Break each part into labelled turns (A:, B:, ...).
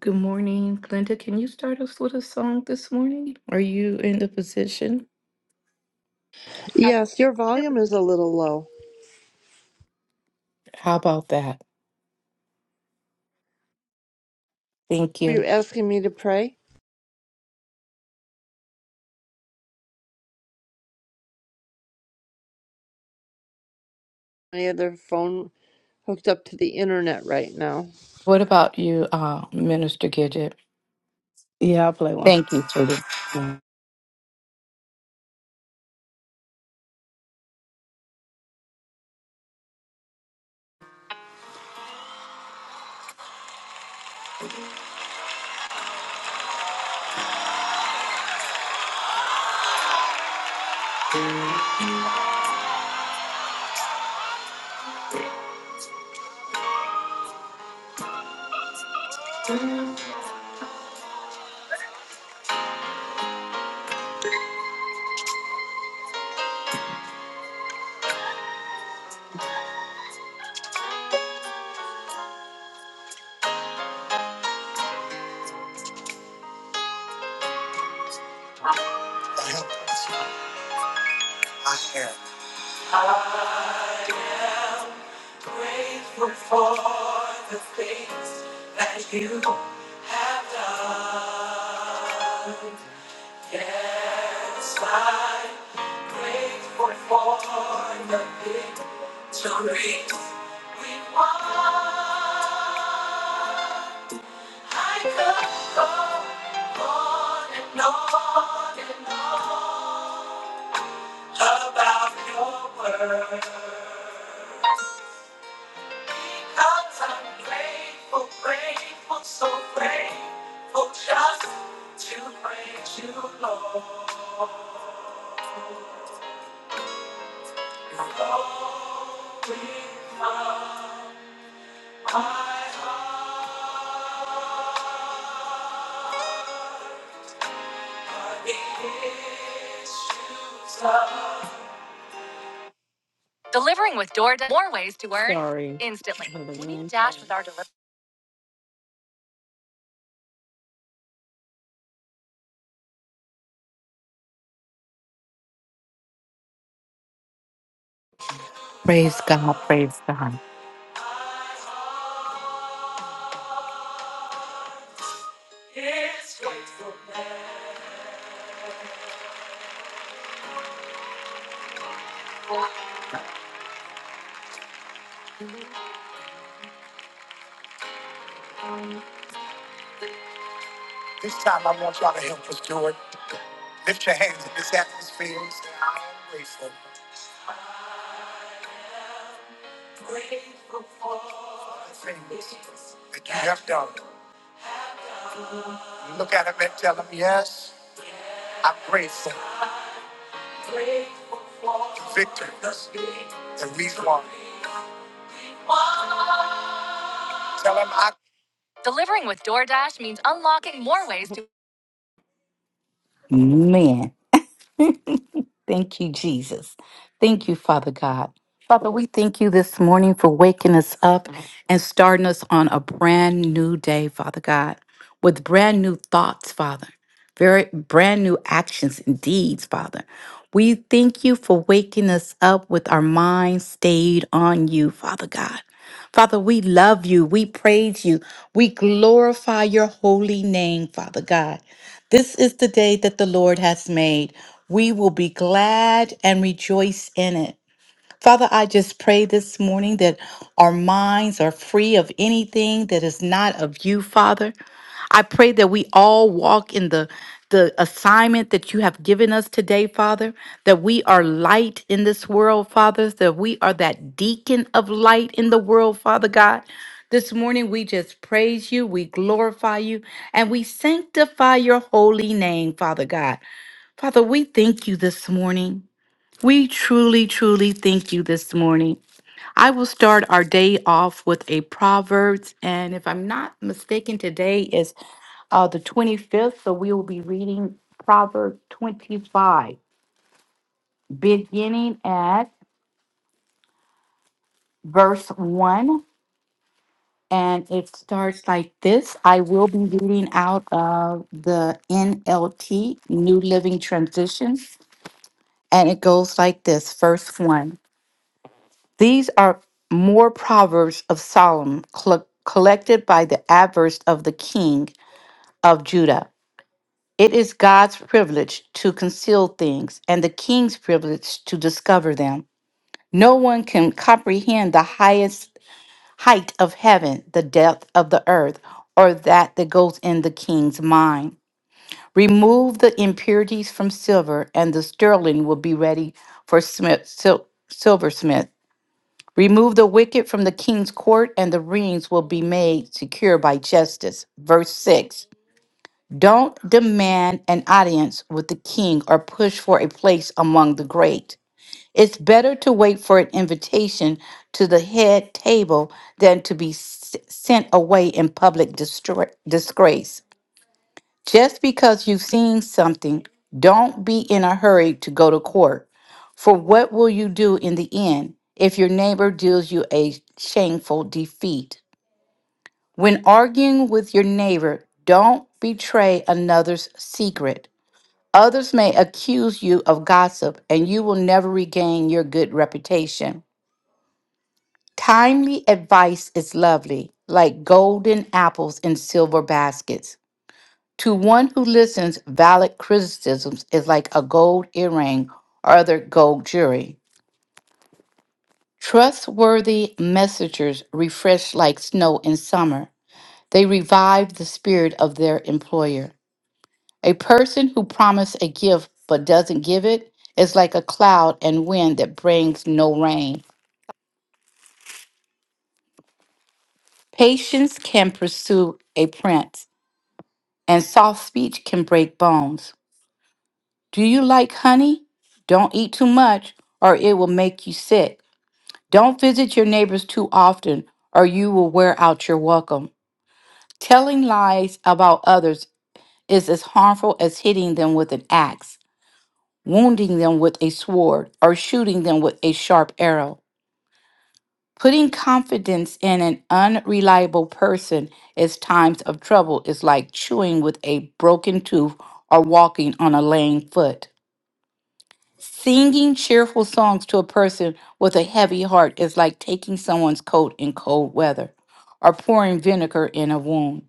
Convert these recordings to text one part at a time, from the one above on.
A: Good morning, Glenda. Can you start us with a song this morning? Are you in the position?
B: Yes, your volume is a little low.
A: How about that? Thank
B: Are
A: you.
B: you asking me to pray? My other phone hooked up to the internet right now.
A: What about you, uh, Minister Gidget?
C: Yeah, I'll play one.
A: Thank you, sweetie.
C: Lord, it is you, Delivering with DoorDash. More ways to earn Sorry. instantly. Hold We need Dash with our delivery.
A: Praise God. Praise God.
C: This time I want y'all to help us do it. Lift your hands in this atmosphere. say, I am grateful Grateful for the things that you have done. Look at them and tell them, yes, I'm grateful Grateful for the victories that we've won. Tell them I Delivering with DoorDash means unlocking more ways to.
A: Man, thank you, Jesus. Thank you, Father God. Father, we thank you this morning for waking us up and starting us on a brand new day, Father God, with brand new thoughts, Father. very brand new actions and deeds, Father. We thank you for waking us up with our minds stayed on you, Father God. Father, we love you. We praise you. We glorify your holy name, Father God. This is the day that the Lord has made. We will be glad and rejoice in it. Father, I just pray this morning that our minds are free of anything that is not of you, Father. I pray that we all walk in the the assignment that you have given us today, Father, that we are light in this world, Father, that we are that beacon of light in the world, Father God. This morning we just praise you, we glorify you, and we sanctify your holy name, Father God. Father, we thank you this morning. We truly, truly thank you this morning. I will start our day off with a Proverbs, and if I'm not mistaken, today is uh, the 25th, so we will be reading Proverbs 25, beginning at verse 1. And it starts like this I will be reading out of the NLT, New Living Transition. And it goes like this First one. These are more proverbs of Solomon cl- collected by the adverse of the king of Judah. It is God's privilege to conceal things and the king's privilege to discover them. No one can comprehend the highest height of heaven, the depth of the earth, or that that goes in the king's mind. Remove the impurities from silver, and the sterling will be ready for smith, sil- silversmith Remove the wicked from the king's court, and the rings will be made secure by justice. Verse 6 Don't demand an audience with the king or push for a place among the great. It's better to wait for an invitation to the head table than to be s- sent away in public distra- disgrace. Just because you've seen something, don't be in a hurry to go to court. For what will you do in the end if your neighbor deals you a shameful defeat? When arguing with your neighbor, don't betray another's secret. Others may accuse you of gossip, and you will never regain your good reputation. Timely advice is lovely, like golden apples in silver baskets. To one who listens, valid criticisms is like a gold earring or other gold jewelry. Trustworthy messengers refresh like snow in summer. They revive the spirit of their employer. A person who promises a gift but doesn't give it is like a cloud and wind that brings no rain. Patience can pursue a prince, and soft speech can break bones. Do you like honey? Don't eat too much, or it will make you sick. Don't visit your neighbors too often, or you will wear out your welcome. Telling lies about others is as harmful as hitting them with an axe, wounding them with a sword, or shooting them with a sharp arrow. Putting confidence in an unreliable person as times of trouble is like chewing with a broken tooth or walking on a lame foot. Singing cheerful songs to a person with a heavy heart is like taking someone's coat in cold weather or pouring vinegar in a wound.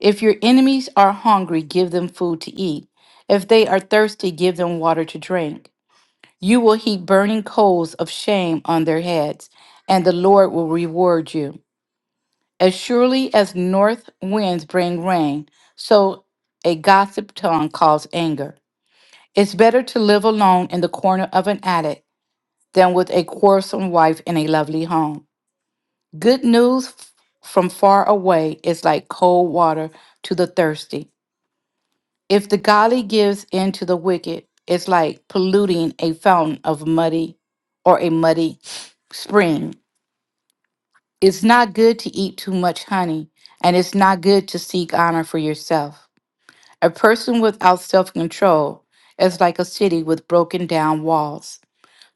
A: If your enemies are hungry, give them food to eat. If they are thirsty, give them water to drink. You will heap burning coals of shame on their heads, and the Lord will reward you. As surely as north winds bring rain, so a gossip tongue calls anger. It's better to live alone in the corner of an attic than with a quarrelsome wife in a lovely home. Good news f- from far away is like cold water to the thirsty. If the godly gives in to the wicked, it's like polluting a fountain of muddy or a muddy spring. It's not good to eat too much honey, and it's not good to seek honor for yourself. A person without self control is like a city with broken down walls.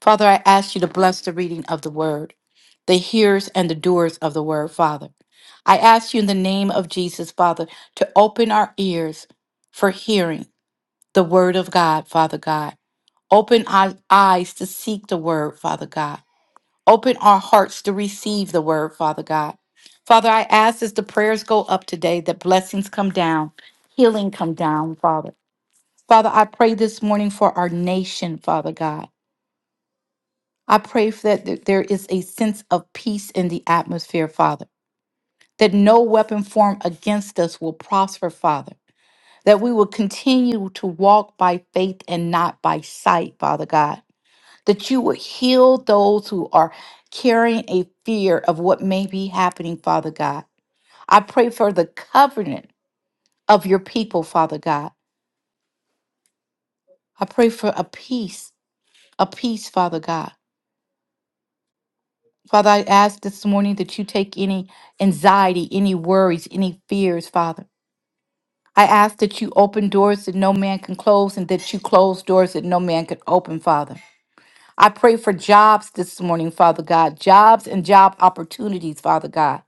A: Father, I ask you to bless the reading of the word, the hearers and the doers of the word, Father. I ask you in the name of Jesus, Father, to open our ears for hearing the word of God, Father God. Open our eyes to seek the word, Father God. Open our hearts to receive the word, Father God. Father, I ask as the prayers go up today that blessings come down, healing come down, Father. Father, I pray this morning for our nation, Father God. I pray for that, that there is a sense of peace in the atmosphere, Father, that no weapon formed against us will prosper, Father, that we will continue to walk by faith and not by sight, Father God, that you will heal those who are carrying a fear of what may be happening, Father God. I pray for the covenant of your people, Father God. I pray for a peace, a peace, Father God Father, I ask this morning that you take any anxiety, any worries, any fears, Father. I ask that you open doors that no man can close and that you close doors that no man can open, Father. I pray for jobs this morning, Father God, jobs and job opportunities, Father God.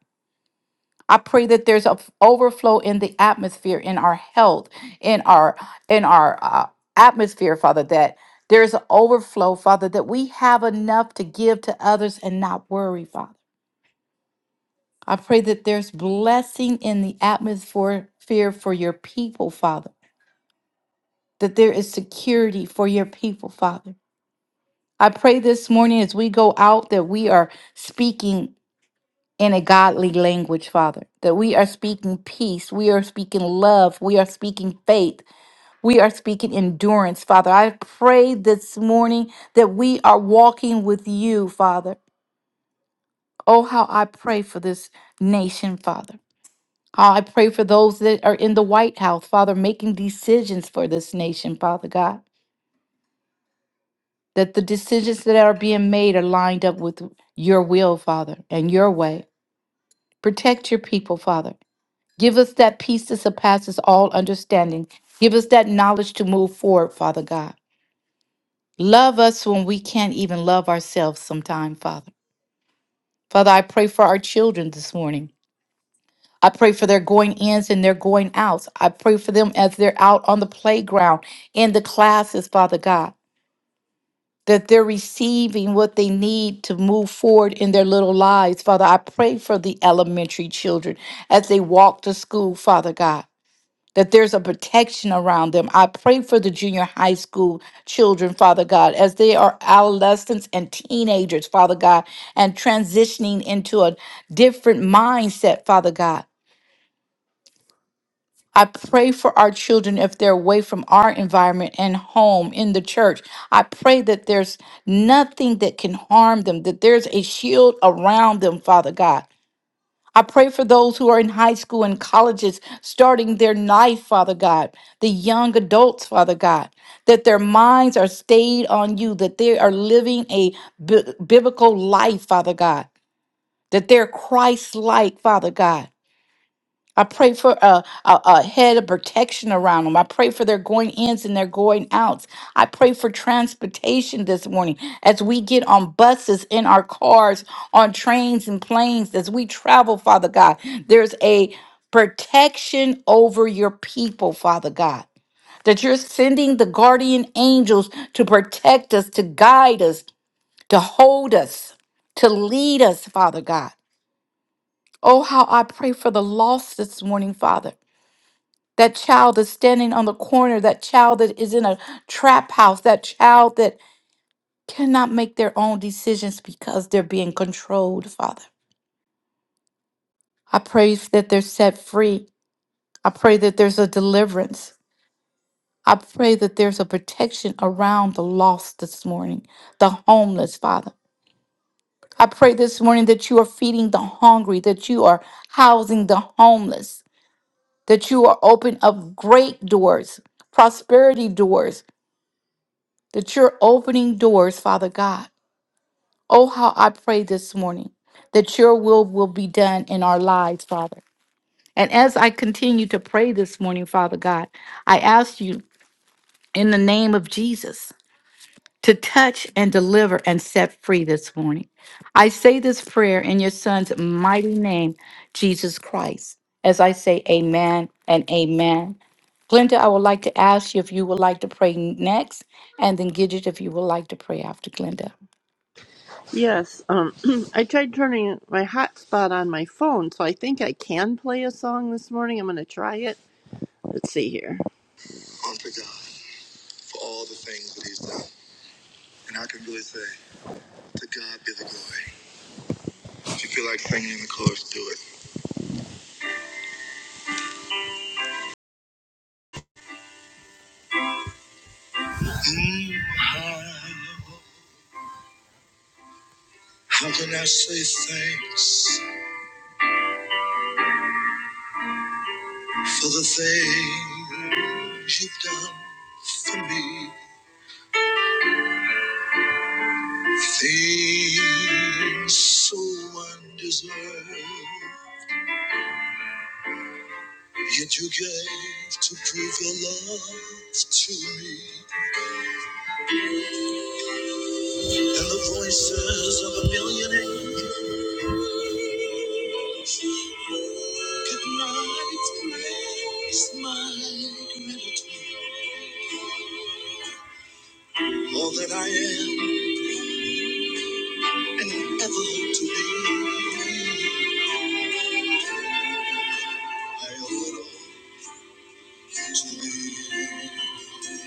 A: I pray that there's an overflow in the atmosphere, in our health, in our in our uh, atmosphere, Father. That there's an overflow, Father. That we have enough to give to others and not worry, Father. I pray that there's blessing in the atmosphere for your people, Father, that there is security for your people, Father. I pray this morning as we go out that we are speaking in a godly language, Father, that we are speaking peace, we are speaking love, we are speaking faith, we are speaking endurance, Father. I pray this morning that we are walking with you, Father. Oh, how I pray for this nation, Father. Uh, I pray for those that are in the White House, Father, making decisions for this nation, Father God, that the decisions that are being made are lined up with your will, Father, and your way. Protect your people, Father. Give us that peace that surpasses all understanding. Give us that knowledge to move forward, Father God. Love us when we can't even love ourselves sometime, Father. Father, I pray for our children this morning. I pray for their going ins and their going outs. I pray for them as they're out on the playground, in the classes, Father God, that they're receiving what they need to move forward in their little lives. Father, I pray for the elementary children as they walk to school, Father God. That there's a protection around them. I pray for the junior high school children, Father God, as they are adolescents and teenagers, Father God, and transitioning into a different mindset, Father God I pray for our children if they're away from our environment and home in the church. I pray that there's nothing that can harm them, that there's a shield around them, Father God. I pray for those who are in high school and colleges starting their life, Father God, the young adults, Father God, that their minds are stayed on you, that they are living a bi- biblical life, Father God, that they're Christ like, Father God. I pray for a, a, a head of protection around them. I pray for their going ins and their going outs. I pray for transportation this morning as we get on buses, in our cars, on trains and planes, as we travel, Father God. There's a protection over your people, Father God that you're sending the guardian angels to protect us, to guide us, to hold us, to lead us, Father God. Oh, how I pray for the lost this morning, Father that child that's standing on the corner, that child that is in a trap house, that child that cannot make their own decisions because they're being controlled, Father. I pray that they're set free. I pray that there's a deliverance. I pray that there's a protection around the lost this morning, the homeless, Father. I pray this morning that you are feeding the hungry, that you are housing the homeless, that you are open up great doors, prosperity doors, that you're opening doors, Father God. Oh, how I pray this morning that your will will be done in our lives, Father. And as I continue to pray this morning, Father God, I ask you in the name of Jesus to touch and deliver and set free this morning. I say this prayer in your son's mighty name, Jesus Christ, as I say amen and amen. Glenda, I would like to ask you if you would like to pray next, and then Gidget if you would like to pray after Glenda.
B: Yes, um, I tried turning my hotspot on my phone, so I think I can play a song this morning. I'm going to try it. Let's see here. Oh, to God for all the things that He's done. And I can really say, to God be the glory. If you feel like singing in the chorus, do it. Mm, how, how can I say thanks? for the things you've done for me, things so undeserved. Yet you gave to prove your love to me, and the voices of a million angels could not express my gratitude. All that I am and ever hope to be, I owe it all to thee.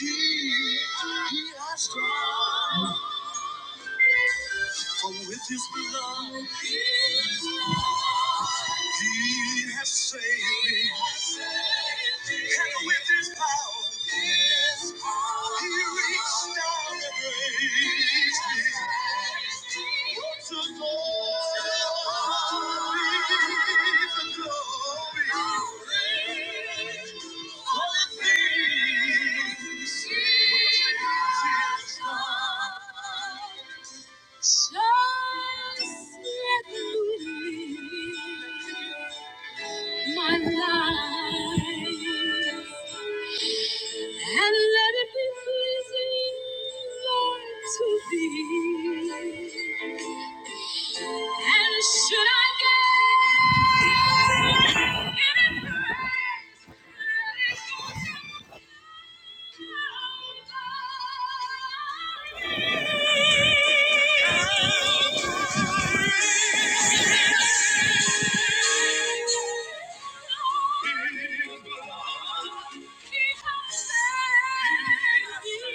B: He has done. For with his blood, he has saved me. And with his power, he reached down and raised me. To glory, to glory, just let me live my life and let it be pleasing, Lord, to Thee. And should I get and it breaks. Let it go, don't worry. Don't worry. Don't worry.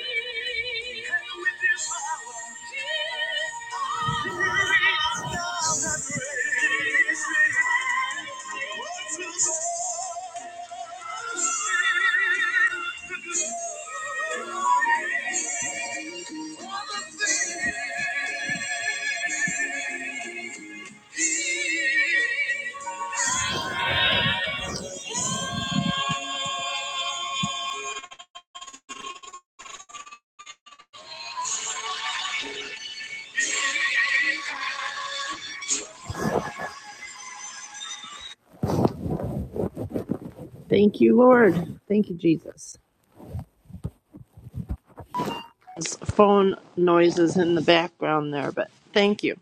B: Thank you, Lord. Thank you, Jesus. There's phone noises in the background there, but thank you.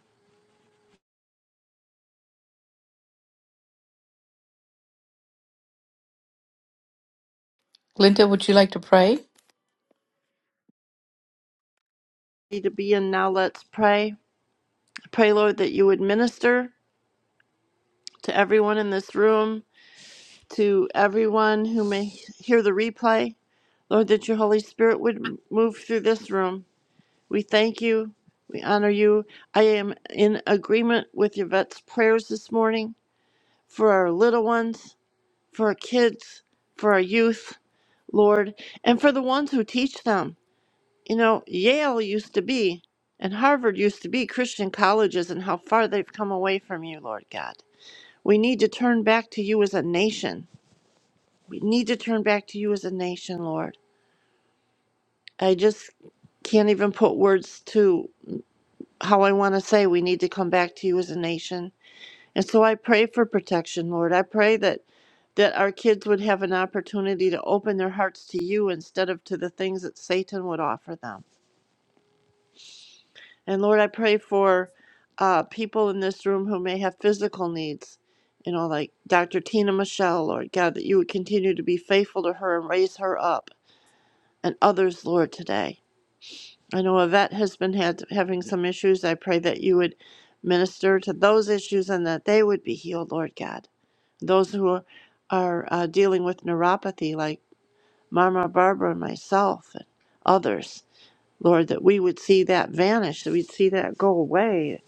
A: Linda, would you like to pray?
B: Ready To be in now, let's pray. I Pray, Lord, that you would minister to everyone in this room, to everyone who may hear the replay. Lord, that your Holy Spirit would move through this room. We thank you. We honor you. I am in agreement with Yvette's prayers this morning for our little ones, for our kids, for our youth, Lord, and for the ones who teach them. You know, Yale used to be and Harvard used to be Christian colleges and how far they've come away from you, Lord God. We need to turn back to you as a nation. We need to turn back to you as a nation, Lord. I just can't even put words to how I want to say we need to come back to you as a nation. And so I pray for protection, Lord. I pray that that our kids would have an opportunity to open their hearts to you instead of to the things that Satan would offer them. And Lord, I pray for uh, people in this room who may have physical needs, you know, like Dr. Tina Michelle, Lord God, that you would continue to be faithful to her and raise her up and others, Lord, today. I know Yvette has been had, having some issues. I pray that you would minister to those issues and that they would be healed, Lord God. Those who are, are uh, dealing with neuropathy, like Mama Barbara and myself and others, Lord, that we would see that vanish, that we'd see that go away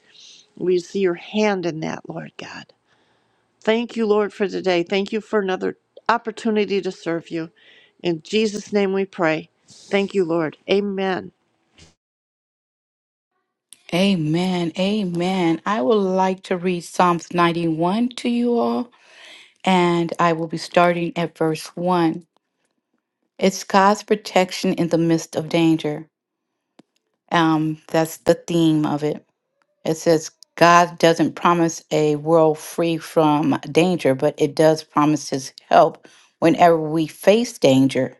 B: we see your hand in that, Lord God. Thank you, Lord, for today. Thank you for another opportunity to serve you. In Jesus' name we pray. Thank you, Lord. Amen.
A: Amen. Amen. I would like to read Psalms 91 to you all, and I will be starting at verse 1. It's God's protection in the midst of danger. Um, that's the theme of it. It says, God doesn't promise a world free from danger, but it does promise his help whenever we face danger.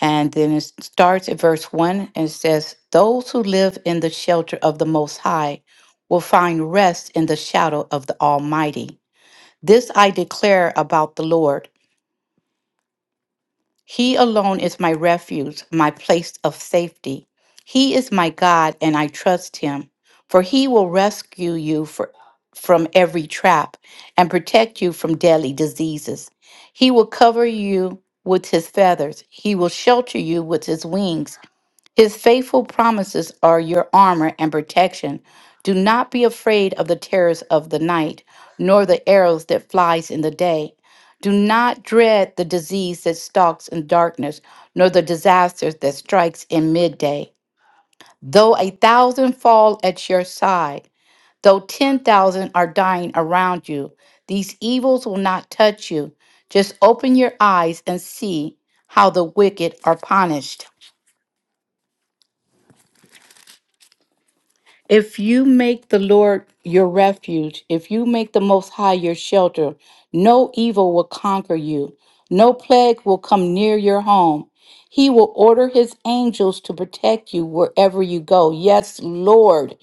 A: And then it starts at verse 1 and says, Those who live in the shelter of the Most High will find rest in the shadow of the Almighty. This I declare about the Lord He alone is my refuge, my place of safety. He is my God, and I trust Him, for He will rescue you for, from every trap and protect you from deadly diseases. He will cover you with His feathers, He will shelter you with His wings. His faithful promises are your armor and protection. Do not be afraid of the terrors of the night, nor the arrows that flies in the day. Do not dread the disease that stalks in darkness, nor the disaster that strikes in midday. Though a thousand fall at your side, though 10,000 are dying around you, these evils will not touch you. Just open your eyes and see how the wicked are punished. If you make the Lord your refuge, if you make the Most High your shelter, no evil will conquer you, no plague will come near your home. He will order his angels to protect you wherever you go. Yes, Lord.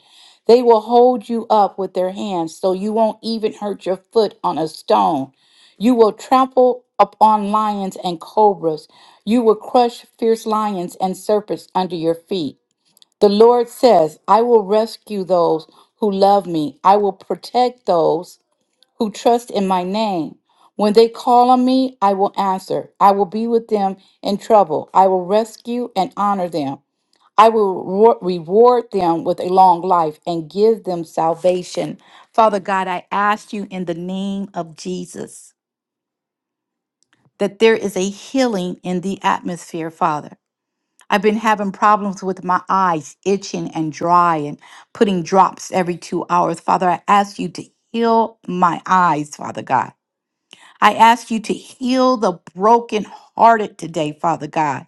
A: They will hold you up with their hands so you won't even hurt your foot on a stone. You will trample upon lions and cobras. You will crush fierce lions and serpents under your feet. The Lord says, I will rescue those who love me. I will protect those who trust in my name. When they call on me, I will answer. I will be with them in trouble. I will rescue and honor them. I will rewar- reward them with a long life and give them salvation. Father God, I ask you in the name of Jesus that there is a healing in the atmosphere, Father. I've been having problems with my eyes itching and dry and putting drops every two hours. Father, I ask you to heal my eyes, Father God. I ask you to heal the brokenhearted today, Father God.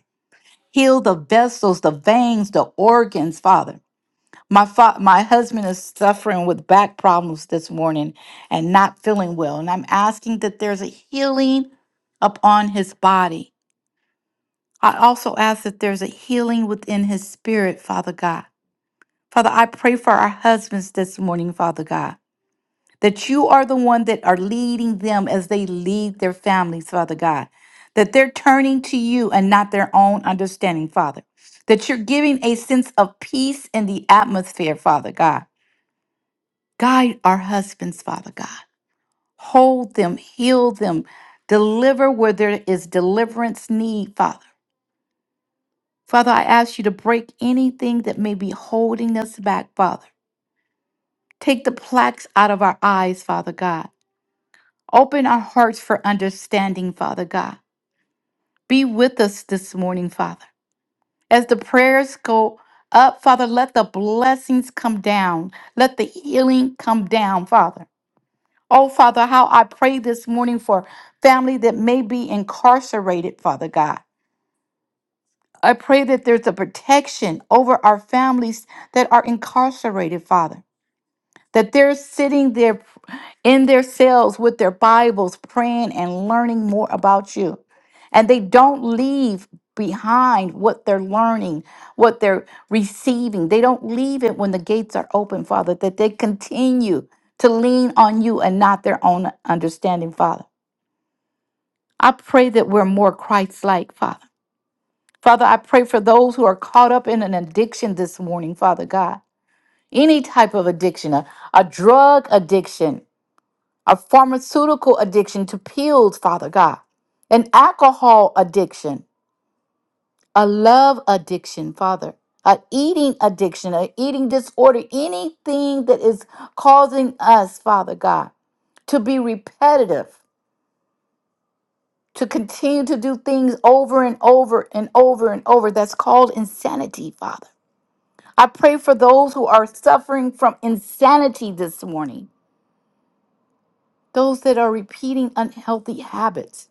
A: Heal the vessels, the veins, the organs, Father. My fa- my husband is suffering with back problems this morning and not feeling well, and I'm asking that there's a healing upon his body. I also ask that there's a healing within his spirit, Father God. Father, I pray for our husbands this morning, Father God, that you are the one that are leading them as they lead their families, Father God, that they're turning to you and not their own understanding, Father, that you're giving a sense of peace in the atmosphere, Father God. Guide our husbands, Father God. Hold them, heal them, deliver where there is deliverance need, Father. Father, I ask you to break anything that may be holding us back, Father. Take the plaques out of our eyes, Father God. Open our hearts for understanding, Father God. Be with us this morning, Father. As the prayers go up, Father, let the blessings come down. Let the healing come down, Father. Oh, Father, how I pray this morning for family that may be incarcerated, Father God. I pray that there's a protection over our families that are incarcerated, Father. that they're sitting there in their cells with their Bibles, praying and learning more about you. And they don't leave behind what they're learning, what they're receiving. They don't leave it when the gates are open, Father, that they continue to lean on you and not their own understanding, Father. I pray that we're more Christ like, Father. Father, I pray for those who are caught up in an addiction this morning, Father God. Any type of addiction, a, a drug addiction, a pharmaceutical addiction to pills, Father God, an alcohol addiction, a love addiction, Father, an eating addiction, an eating disorder, anything that is causing us, Father God, to be repetitive, to continue to do things over and over and over and over. That's called insanity, Father. I pray for those who are suffering from insanity this morning, those that are repeating unhealthy habits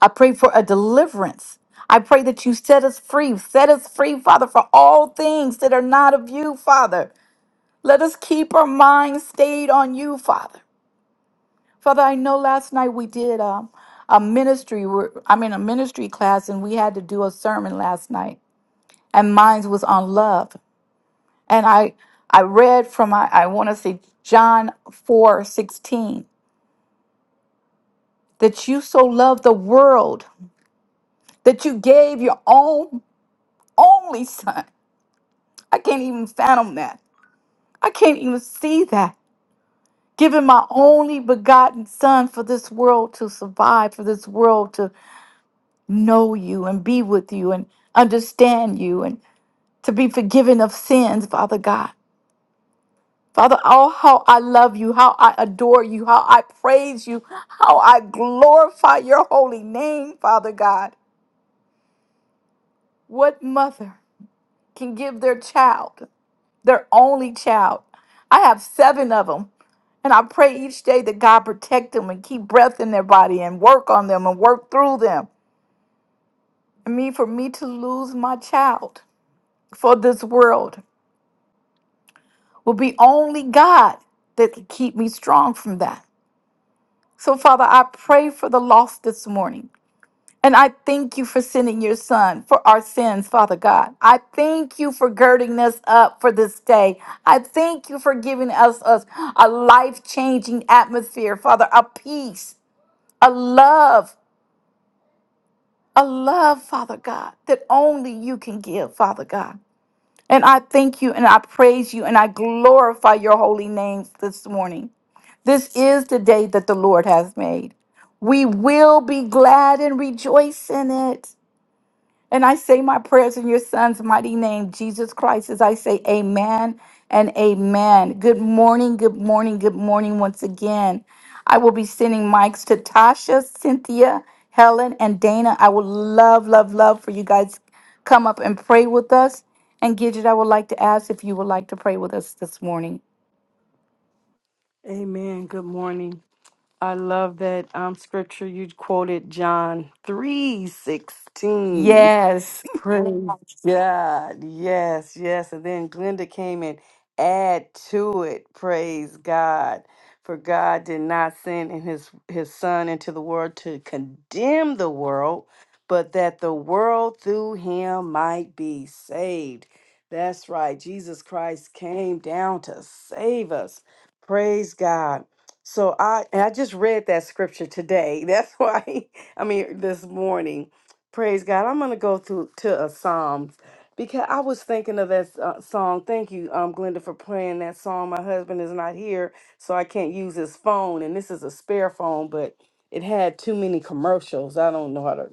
A: I pray for a deliverance. I pray that you set us free. Set us free, Father, for all things that are not of you, Father. Let us keep our minds stayed on you, Father. Father, I know last night we did um, a ministry, wor- I mean, a ministry class, and we had to do a sermon last night. And mine was on love. And I, I read from, I, I want to say, John four sixteen that you so loved the world that you gave your own only son I can't even fathom that. I can't even see that. Giving my only begotten son for this world to survive, for this world to know you and be with you and understand you and to be forgiven of sins, Father God. Father, oh, how I love you, how I adore you, how I praise you, how I glorify your holy name, Father God. What mother can give their child? their only child. I have seven of them. And I pray each day that God protect them and keep breath in their body and work on them and work through them. I mean, for me to lose my child for this world will be only God that can keep me strong from that. So, Father, I pray for the lost this morning. And I thank you for sending your son for our sins, Father God. I thank you for girding us up for this day. I thank you for giving us, us a life changing atmosphere, Father, a peace, a love, a love, Father God, that only you can give, Father God. And I thank you and I praise you and I glorify your holy name this morning. This is the day that the Lord has made. We will be glad and rejoice in it. And I say my prayers in your son's mighty name, Jesus Christ, as I say amen and amen. Good morning, good morning, good morning once again. I will be sending mics to Tasha, Cynthia, Helen, and Dana. I would love, love, love for you guys come up and pray with us. And Gidget, I would like to ask if you would like to pray with us this morning.
C: Amen. Good morning. I love that um, scripture you quoted, John three sixteen.
A: Yes.
C: Praise God. Yes, yes. And then Glenda came and add to it. Praise God. For God did not send in his his son into the world to condemn the world, but that the world through him might be saved. That's right. Jesus Christ came down to save us. Praise God. So I and I just read that scripture today. That's why I mean this morning. Praise God. I'm going to go through to a Psalms because I was thinking of that uh, song. Thank you, um, Glenda, for playing that song. My husband is not here, so I can't use his phone, and this is a spare phone, but it had too many commercials. I don't know how to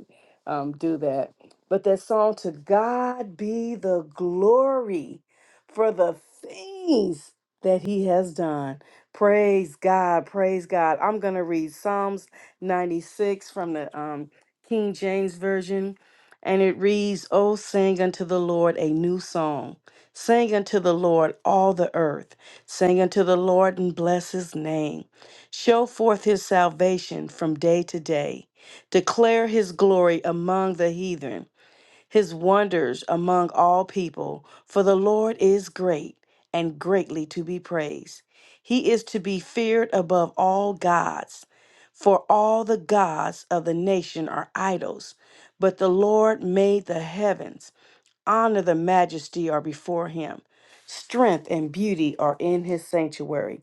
C: um, do that. But that song, To God Be the Glory for the things that He has done. Praise God. Praise God. I'm going to read Psalms 96 from the. Um, King James Version, and it reads, O sing unto the Lord a new song. Sing unto the Lord all the earth. Sing unto the Lord and bless his name. Show forth his salvation from day to day. Declare his glory among the heathen his wonders among all people. For the Lord is great and greatly to be praised. He is to be feared above all gods, for all the gods of the nation are idols. But the Lord made the heavens. Honor and majesty are before him. Strength and beauty are in his sanctuary.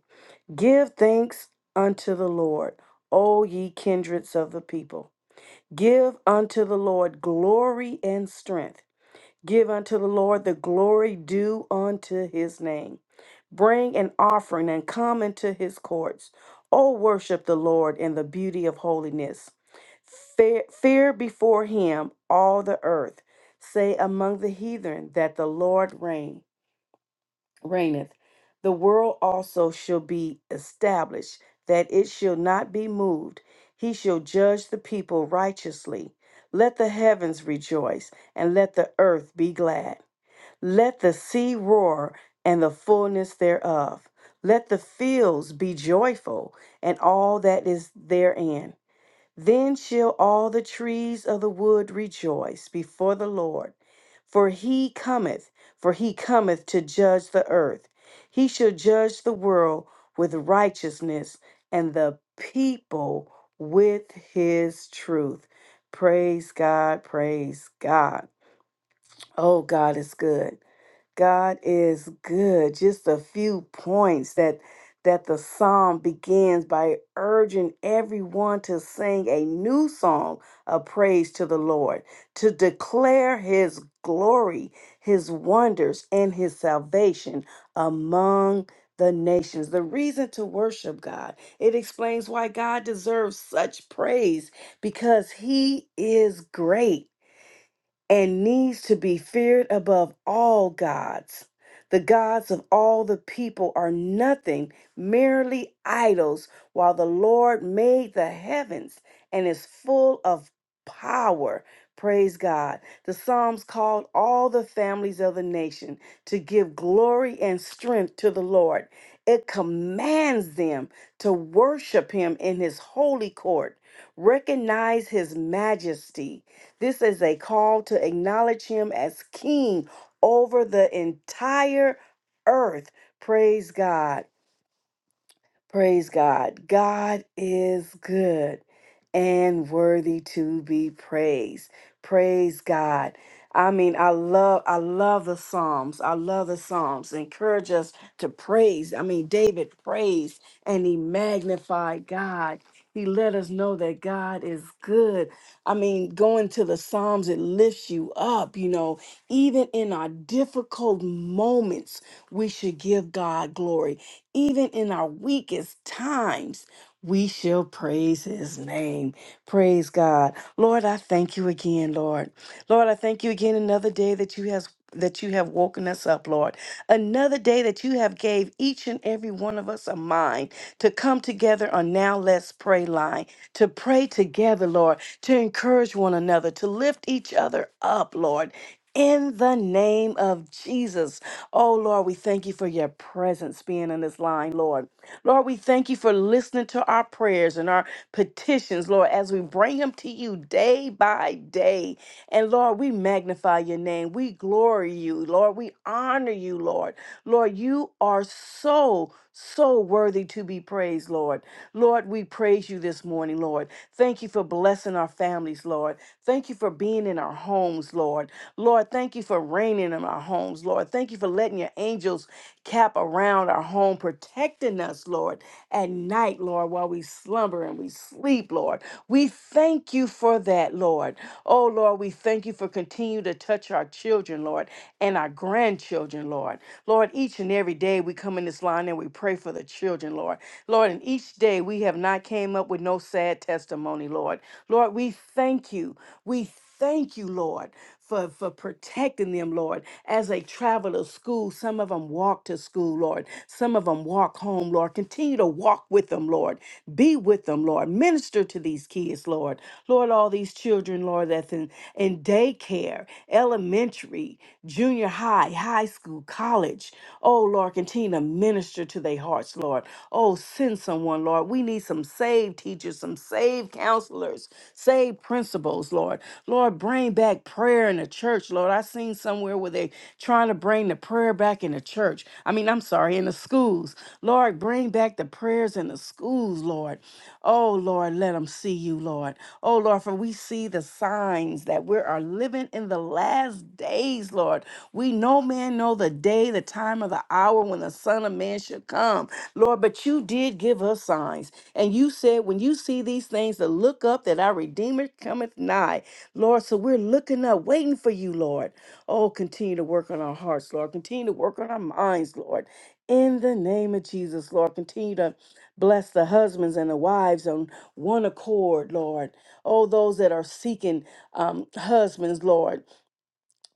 C: Give thanks unto the Lord, O ye kindreds of the people. Give unto the Lord glory and strength. Give unto the Lord the glory due unto his name. Bring an offering and come into his courts. O worship the Lord in the beauty of holiness. Fear, fear before him all the earth. Say among the heathen that the Lord reign, reigneth. The world also shall be established, that it shall not be moved. He shall judge the people righteously. Let the heavens rejoice, and let the earth be glad. Let the sea roar and the fullness thereof. Let the fields be joyful and all that is therein. Then shall all the trees of the wood rejoice before the Lord. For he cometh, for he cometh to judge the earth. He shall judge the world with righteousness and the people with his truth. Praise God, praise God. Oh, God is good. God is good. Just a few points that that the psalm begins by urging everyone to sing a new song of praise to the Lord, to declare his glory, his wonders and his salvation among the nations. The reason to worship God. It explains why God deserves such praise because he is great and needs to be feared above all gods. The gods of all the people are nothing, merely idols, while the Lord made the heavens and is full of power. Praise God. The Psalms called all the families of the nation to give glory and strength to the Lord. It commands them to worship him in his holy court, recognize his majesty this is a call to acknowledge him as king over the entire earth. Praise God. Praise God. God is good and worthy to be praised. Praise God. I mean, I love, I love the Psalms. I love the Psalms. Encourage us to praise. I mean, David praised and he magnified God. He let us know that God is good. I mean, going to the Psalms, it lifts you up. You know, even in our difficult moments, we should give God glory. Even in our weakest times, we shall praise his name. Praise God. Lord, I thank you again, Lord. Lord, I thank you again another day that you has that you have woken us up, Lord. Another day that you have gave each and every one of us a mind to come together on now let's pray line, to pray together, Lord, to encourage one another, to lift each other up, Lord in the name of Jesus. Oh, Lord, we thank you for your presence being in this line, Lord. Lord, we thank you for listening to our prayers and our petitions, Lord, as we bring them to you day by day. And Lord, we magnify your name. We glory you, Lord. We honor you, Lord. Lord, you are so so worthy to be praised, Lord. Lord, we praise you this morning, Lord. Thank you for blessing our families, Lord. Thank you for being in our homes, Lord. Lord, thank you for reigning in our homes, Lord. Thank you for letting your angels cap around our home, protecting us, Lord, at night, Lord, while we slumber and we sleep, Lord. We thank you for that, Lord. Oh, Lord, we thank you for continue to touch our children, Lord, and and our grandchildren, Lord. Lord, each and every day we come in this line and we pray for the children, Lord. Lord, and each day we have not came up with no sad testimony, Lord. Lord, we thank you. We thank you, Lord, for, for protecting them, Lord, as they travel to school. Some of them walk to school, Lord. Some of them walk home, Lord. Continue to walk with them, Lord. Be with them, Lord. Minister to these kids, Lord. Lord, all these children children, Lord, that's in, in daycare, elementary, junior high, high school, college. Oh, Lord, continue to minister to their hearts, Lord. Oh, send someone, Lord. We need some saved teachers, some saved counselors, saved principals, Lord. Lord, bring back prayer in the church, Lord. I seen somewhere where they trying to bring the prayer back in the church. I mean, I'm sorry, in the schools. Lord, bring back the prayers in the schools, Lord. Lord. Oh, Lord, let them see you, Lord. Oh, Lord, for we see the signs that we are living in the last days, Lord. We no man know the day, the time, or the hour when the Son of Man should come, Lord. But you did give us signs. And you said, when you see these things, to look up that our Redeemer cometh nigh, Lord. So we're looking up, waiting for you, Lord. Oh, continue to work on our hearts, Lord. Continue to work on our minds, Lord. In the name of Jesus, Lord, continue to Bless the husbands and the wives on one accord, Lord. Oh, those that are seeking um, husbands, Lord.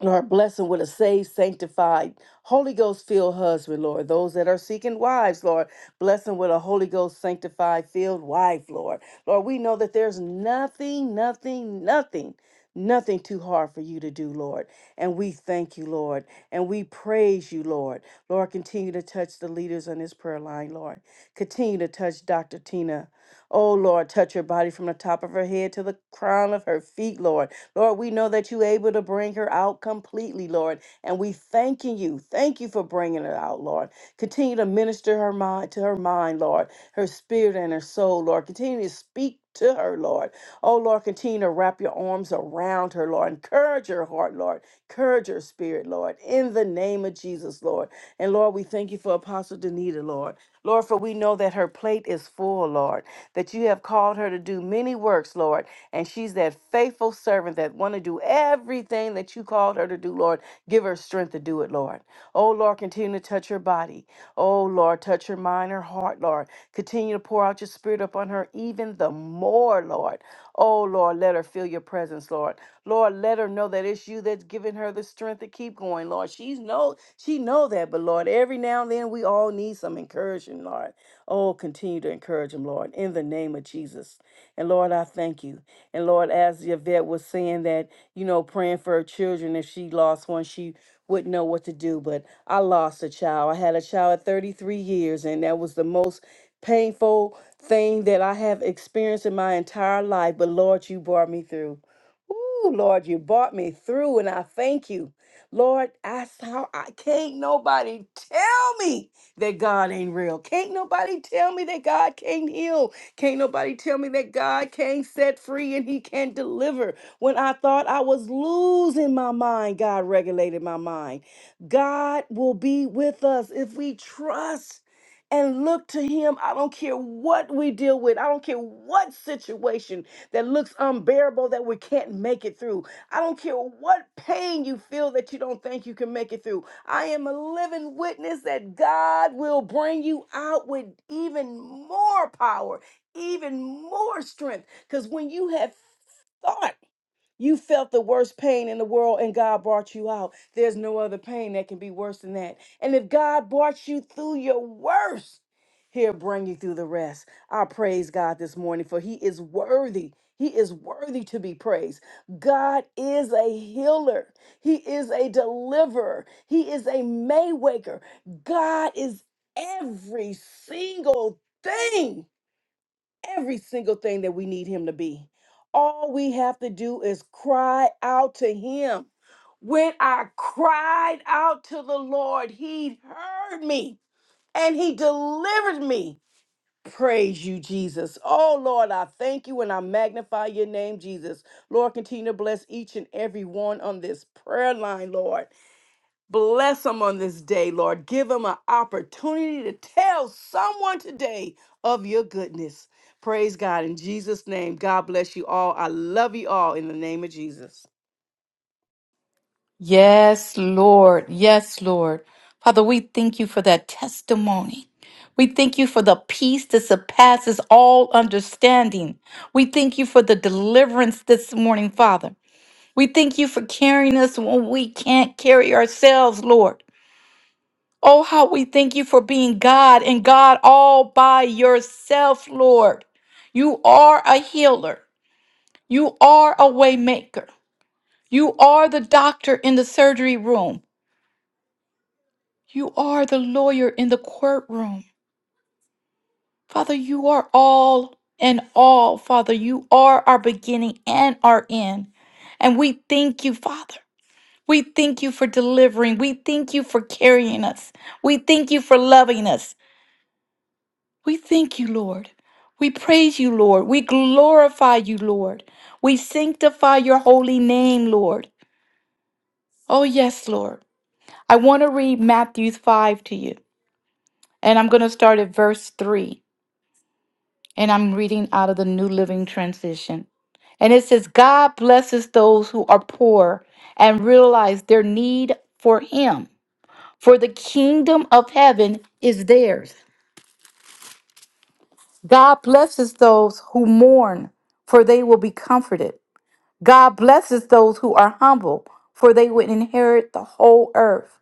C: Lord, bless blessing with a saved, sanctified, Holy Ghost filled husband, Lord. Those that are seeking wives, Lord, bless blessing with a Holy Ghost sanctified, filled wife, Lord. Lord, we know that there's nothing, nothing, nothing, nothing too hard for you to do, Lord. And we thank you, Lord. And we praise you, Lord. Lord, continue to touch the leaders on this prayer line, Lord. Continue to touch Dr. Tina. Oh, Lord, touch her body from the top of her head to the crown of her feet, Lord. Lord, we know that you're able to bring her out completely, Lord. And we thanking you. Thank you for bringing her out, Lord. Continue to minister her mind to her mind, Lord, her spirit and her soul, Lord. Continue to speak to her, Lord. Oh, Lord, continue to wrap your arms around her, Lord. Encourage her heart, Lord. Encourage her spirit, Lord. In the name of Jesus, Lord. And Lord, we thank you for Apostle Danita, Lord. Lord, for we know that her plate is full, Lord, that you have called her to do many works, Lord, and she's that faithful servant that want to do everything that you called her to do, Lord. Give her strength to do it, Lord. Oh, Lord, continue to touch her body. Oh, Lord, touch her mind, her heart, Lord. Continue to pour out your spirit upon her even the more, Lord. Oh, Lord, let her feel your presence, Lord. Lord, let her know that it's you that's giving her the strength to keep going, Lord. She's know she know that, but Lord, every now and then we all need some encouragement, Lord. Oh, continue to encourage him, Lord, in the name of Jesus. And Lord, I thank you. And Lord, as Yvette was saying that, you know, praying for her children, if she lost one, she wouldn't know what to do. But I lost a child. I had a child at 33 years, and that was the most painful thing that I have experienced in my entire life. But Lord, you brought me through. Ooh, Lord, you brought me through, and I thank you. Lord, I how I can't nobody tell me that God ain't real. Can't nobody tell me that God can't heal. Can't nobody tell me that God can't set free and He can not deliver. When I thought I was losing my mind, God regulated my mind. God will be with us if we trust and look to him. I don't care what we deal with. I don't care what situation that looks unbearable that we can't make it through. I don't care what pain you feel that you don't think you can make it through. I am a living witness that God will bring you out with even more power, even more strength. Because when you have thought, you felt the worst pain in the world and God brought you out. There's no other pain that can be worse than that. And if God brought you through your worst, He'll bring you through the rest. I praise God this morning for He is worthy. He is worthy to be praised. God is a healer. He is a deliverer. He is a maywaker. God is every single thing every single thing that we need him to be. All we have to do is cry out to him. When I cried out to the Lord, he heard me and he delivered me. Praise you, Jesus. Oh, Lord, I thank you and I magnify your name, Jesus. Lord, continue to bless each and every one on this prayer line, Lord. Bless them on this day, Lord. Give them an opportunity to tell someone today of your goodness. Praise God in Jesus' name. God bless you all. I love you all in the name of Jesus.
A: Yes, Lord. Yes, Lord. Father, we thank you for that testimony. We thank you for the peace that surpasses all understanding. We thank you for the deliverance this morning, Father. We thank you for carrying us when we can't carry ourselves, Lord. Oh, how we thank you for being God and God all by yourself, Lord. You are a healer. You are a waymaker. You are the doctor in the surgery room. You are the lawyer in the courtroom. Father, you are all and all, Father. You are our beginning and our end. And we thank you, Father. We thank you for delivering. We thank you for carrying us. We thank you for loving us. We thank you, Lord. We praise you, Lord. We glorify you, Lord. We sanctify your holy name, Lord. Oh, yes, Lord. I want to read Matthew 5 to you, and I'm going to start at verse 3. and I'm reading out of the New Living Transition. And it says, God blesses those who are poor and realize their need for Him, for the kingdom of heaven is theirs. God blesses those who mourn, for they will be comforted. God blesses those who are humble, for they will inherit the whole earth.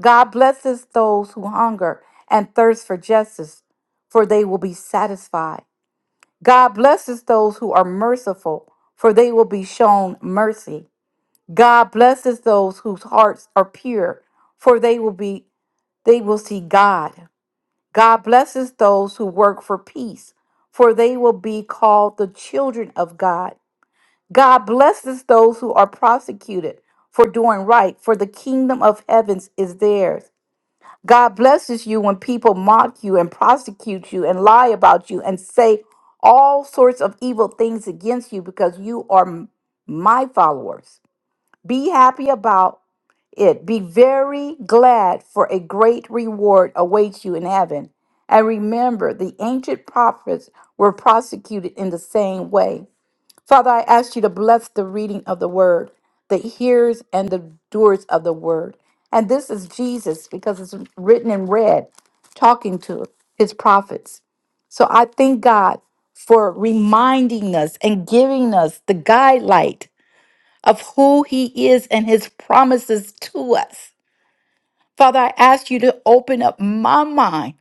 A: God blesses those who hunger and thirst for justice, for they will be satisfied. God blesses those who are merciful, for they will be shown mercy. God blesses those whose hearts are pure, for they will be they will see God. God blesses those who work for peace, for they will be called the children of God. God blesses those who are prosecuted for doing right, for the kingdom of heavens is theirs. God blesses you when people mock you and prosecute you and lie about you and say all sorts of evil things against you because you are m- my followers. Be happy about it. Be very glad, for a great reward awaits you in heaven. And remember, the ancient prophets were prosecuted in the same way. Father, I ask you to bless the reading of the word, the hearers and the doers of the word. And this is Jesus because it's written in red, talking to his prophets. So I thank God for reminding us and giving us the guidelight of who he is and his promises to us. Father, I ask you to open up my mind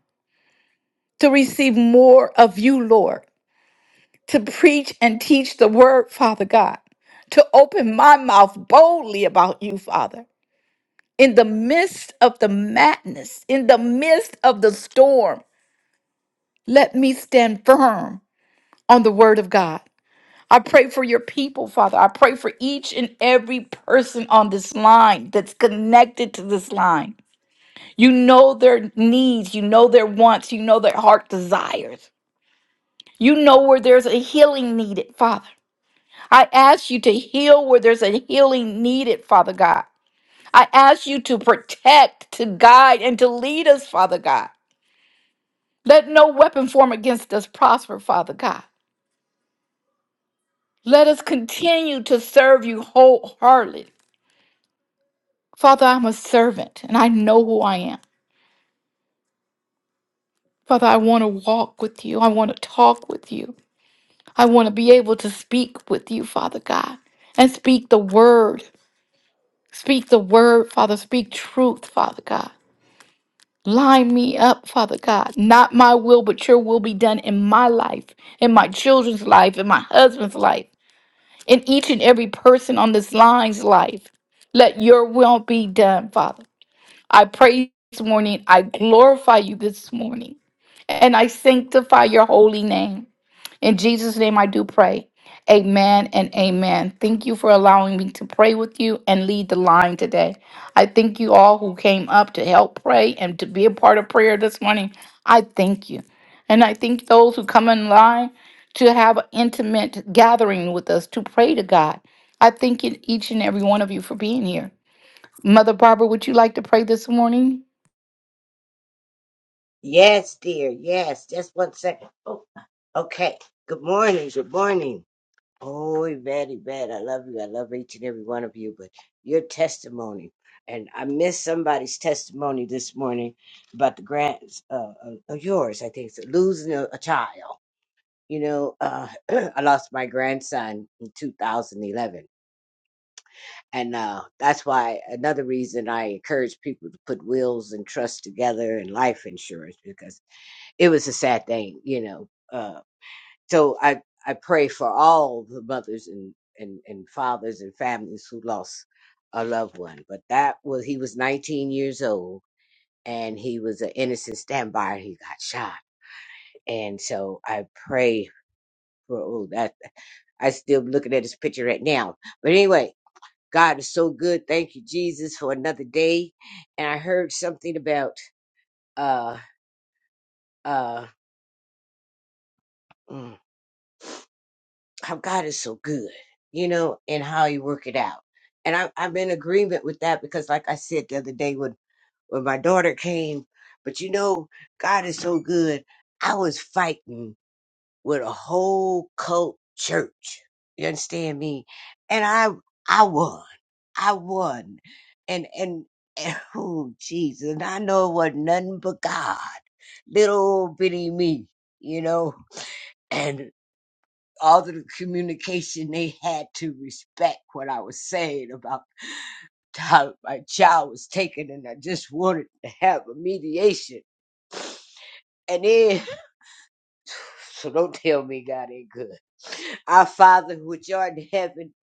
A: to receive more of you, Lord. to preach and teach the word, Father God, to open my mouth boldly about you, Father. In the midst of the madness, in the midst of the storm, let me stand firm on the word of God. I pray for your people, Father. I pray for each and every person on this line that's connected to this line. You know their needs, you know their wants, you know their heart desires. You know where there's a healing needed, Father. I ask you to heal where there's a healing needed, Father God. I ask you to protect, to guide, and to lead us, Father God. Let no weapon form against us prosper, Father God. Let us continue to serve you wholeheartedly. Father, I'm a servant and I know who I am. Father, I want to walk with you. I want to talk with you. I want to be able to speak with you, Father God, and speak the word. Speak the word, Father. Speak truth, Father God. Line me up, Father God. Not my will, but your will be done in my life, in my children's life, in my husband's life, in each and every person on this line's life. Let your will be done, Father. I pray this morning. I glorify you this morning. And I sanctify your holy name. In Jesus' name, I do pray. Amen and amen. Thank you for allowing me to pray with you and lead the line today. I thank you all who came up to help pray and to be a part of prayer this morning. I thank you. And I thank those who come in line to have an intimate gathering with us to pray to God. I thank you, each and every one of you for being here. Mother Barbara, would you like to pray this morning?
D: Yes, dear. Yes. Just one second. Oh, okay. Good morning. Good morning. Oh, Yvette, Yvette, I love you. I love each and every one of you. But your testimony, and I missed somebody's testimony this morning about the grants uh, of of yours. I think it's losing a, a child. You know, uh, I lost my grandson in 2011. And uh, that's why another reason I encourage people to put wills and trusts together and life insurance because it was a sad thing, you know. Uh, so I, I pray for all the mothers and, and, and fathers and families who lost a loved one. But that was, he was 19 years old and he was an innocent standby. He got shot. And so I pray for, oh, that, I still looking at this picture right now. But anyway, God is so good. Thank you, Jesus, for another day. And I heard something about, uh, uh, mm, how God is so good, you know, and how He work it out. And I, I'm in agreement with that because, like I said the other day when when my daughter came, but you know, God is so good. I was fighting with a whole cult church. You understand me? And I I won. I won. And and, and oh Jesus, and I know it wasn't nothing but God, little bitty me, you know. all the communication they had to respect what I was saying about how my child was taken, and I just wanted to have a mediation. And then, so don't tell me God ain't good. Our Father which art in heaven,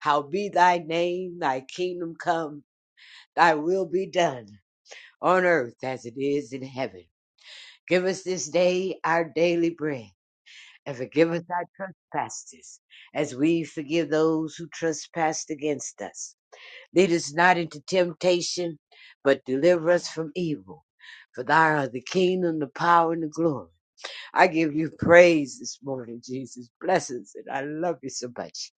D: hallowed be thy name, thy kingdom come, thy will be done, on earth as it is in heaven. Give us this day our daily bread, and forgive us our trespasses, as we forgive those who trespass against us Lead us not into temptation, but deliver us from evil. For thou art the kingdom, the power, and the glory. I give you praise this morning, Jesus. Blessings, and I love you so much.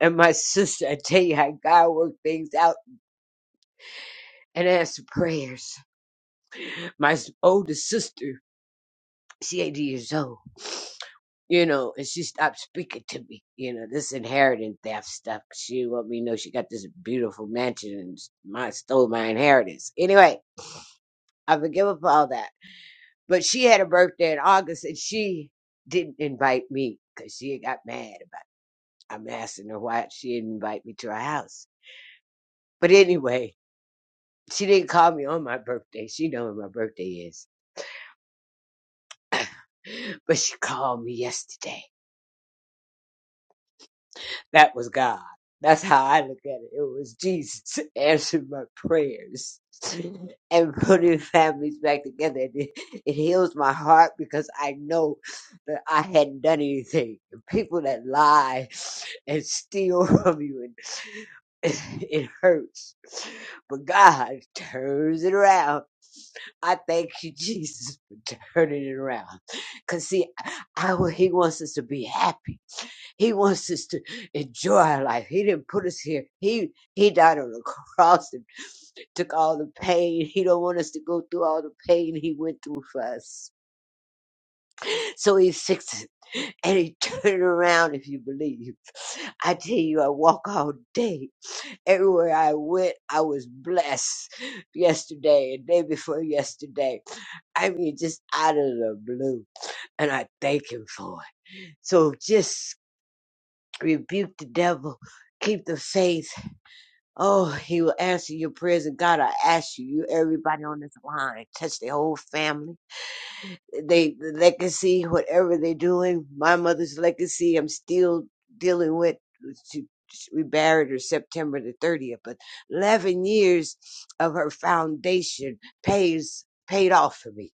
D: And my sister, I tell you how God worked things out and answered prayers. My oldest sister, she 80 years old, you know, and she stopped speaking to me. You know, this inheritance theft stuff. She let me know she got this beautiful mansion and my stole my inheritance. Anyway, I forgive her for all that. But she had a birthday in August and she didn't invite me because she got mad about it. I'm asking her why she didn't invite me to her house. But anyway, she didn't call me on my birthday. She know when my birthday is. But she called me yesterday. That was God. That's how I look at it. It was Jesus answered my prayers and putting families back together. And It, it heals my heart because I know that I hadn't done anything. The People that lie and steal from you, and it hurts. But God turns it around. I thank you, Jesus, for turning it around. Because, see, I, I, He wants us to be happy. He wants us to enjoy our life. He didn't put us here. He he died on the cross and took all the pain. He don't want us to go through all the pain he went through for us. So he fixed it. And he turned it around if you believe. I tell you, I walk all day. Everywhere I went, I was blessed yesterday and day before yesterday. I mean, just out of the blue. And I thank him for it. So just rebuke the devil, keep the faith. Oh, he will answer your prayers. And God, I ask you, you everybody on this line, touch their whole family. They the legacy, whatever they're doing. My mother's legacy, I'm still dealing with. She, we buried her September the 30th, but 11 years of her foundation pays paid off for me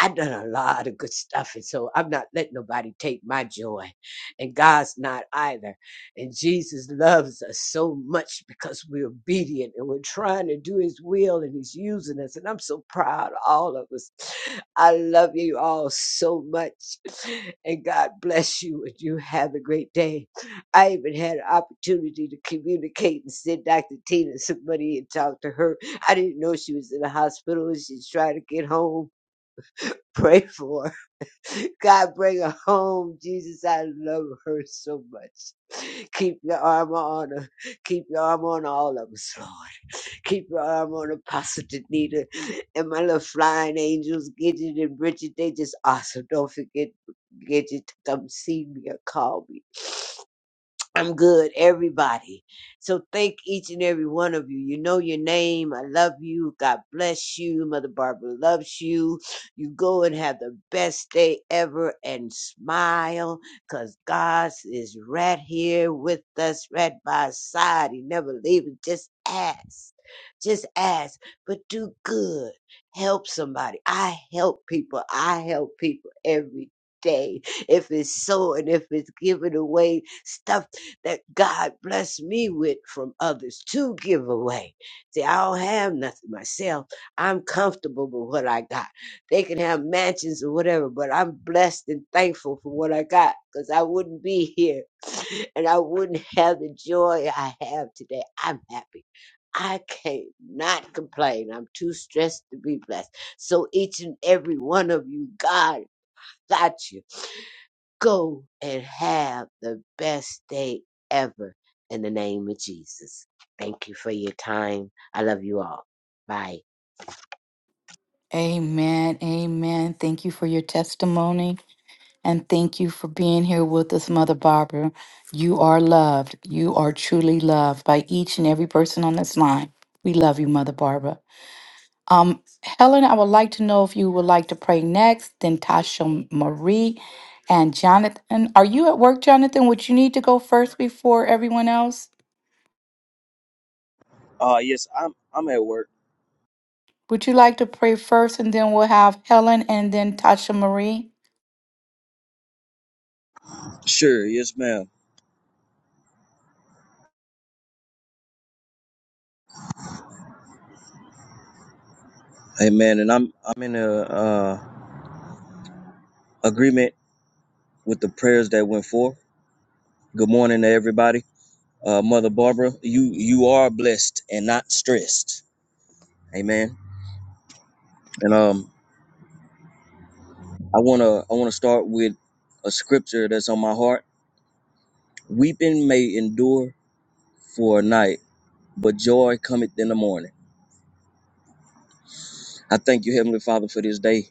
D: I've done a lot of good stuff, and so I'm not letting nobody take my joy, and God's not either. And Jesus loves us so much because we're obedient and we're trying to do His will, and He's using us. And I'm so proud, of all of us. I love you all so much, and God bless you, and you have a great day. I even had an opportunity to communicate and send Dr. Tina some money and talk to her. I didn't know she was in the hospital, and she's trying to get home pray for. God, bring her home. Jesus, I love her so much. Keep your armor on her. Keep your armor on all of us, Lord. Keep your armor on Apostle Danita and my little flying angels, Gidget and Bridget. They just awesome. Don't forget Gidget to come see me or call me. I'm good, everybody. So thank each and every one of you. You know your name. I love you. God bless you. Mother Barbara loves you. You go and have the best day ever and smile because God is right here with us, right by our side. He never leaves. Just ask. Just ask, but do good. Help somebody. I help people. I help people every day. If it's so and if it's given away, stuff that God blessed me with from others to give away. See, I don't have nothing myself. I'm comfortable with what I got. They can have mansions or whatever, but I'm blessed and thankful for what I got because I wouldn't be here and I wouldn't have the joy I have today. I'm happy. I can't not complain. I'm too stressed to be blessed. So each and every one of you, God got you. Go and have the best day ever in the name of Jesus. Thank you for your time. I love you all. Bye.
A: Amen. Amen. Thank you for your testimony. And thank you for being here with us, Mother Barbara. You are loved. You are truly loved by each and every person on this line. We love you, Mother Barbara. Um, Helen, I would like to know if you would like to pray next, then Tasha Marie and Jonathan. Are you at work, Jonathan? Would you need to go first before everyone else?
E: Uh yes, I'm I'm at work.
A: Would you like to pray first and then we'll have Helen and then Tasha Marie?
E: Sure, yes, ma'am. Amen. And I'm I'm in a uh agreement with the prayers that went forth. Good morning to everybody. Uh Mother Barbara, you you are blessed and not stressed. Amen. And um I wanna I wanna start with a scripture that's on my heart. Weeping may endure for a night, but joy cometh in the morning. I thank you, Heavenly Father, for this day.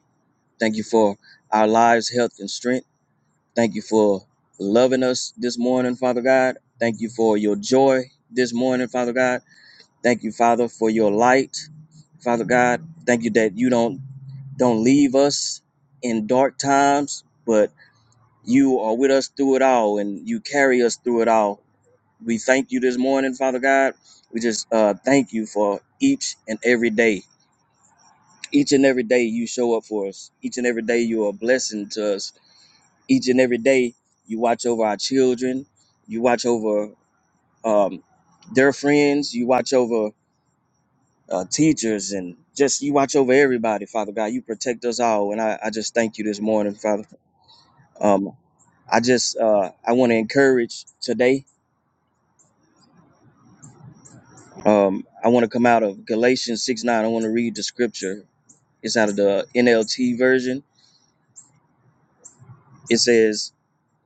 E: Thank you for our lives, health, and strength. Thank you for loving us this morning, Father God. Thank you for your joy this morning, Father God. Thank you, Father, for your light, Father God. Thank you that you don't don't leave us in dark times, but you are with us through it all and you carry us through it all. We thank you this morning, Father God. We just uh, thank you for each and every day. Each and every day you show up for us. Each and every day you are a blessing to us each and every day you watch over our children you watch over um, their friends you watch over uh, teachers and just you watch over everybody father god you protect us all and i, I just thank you this morning father um, i just uh, i want to encourage today um, i want to come out of galatians 6 9 i want to read the scripture it's out of the nlt version it says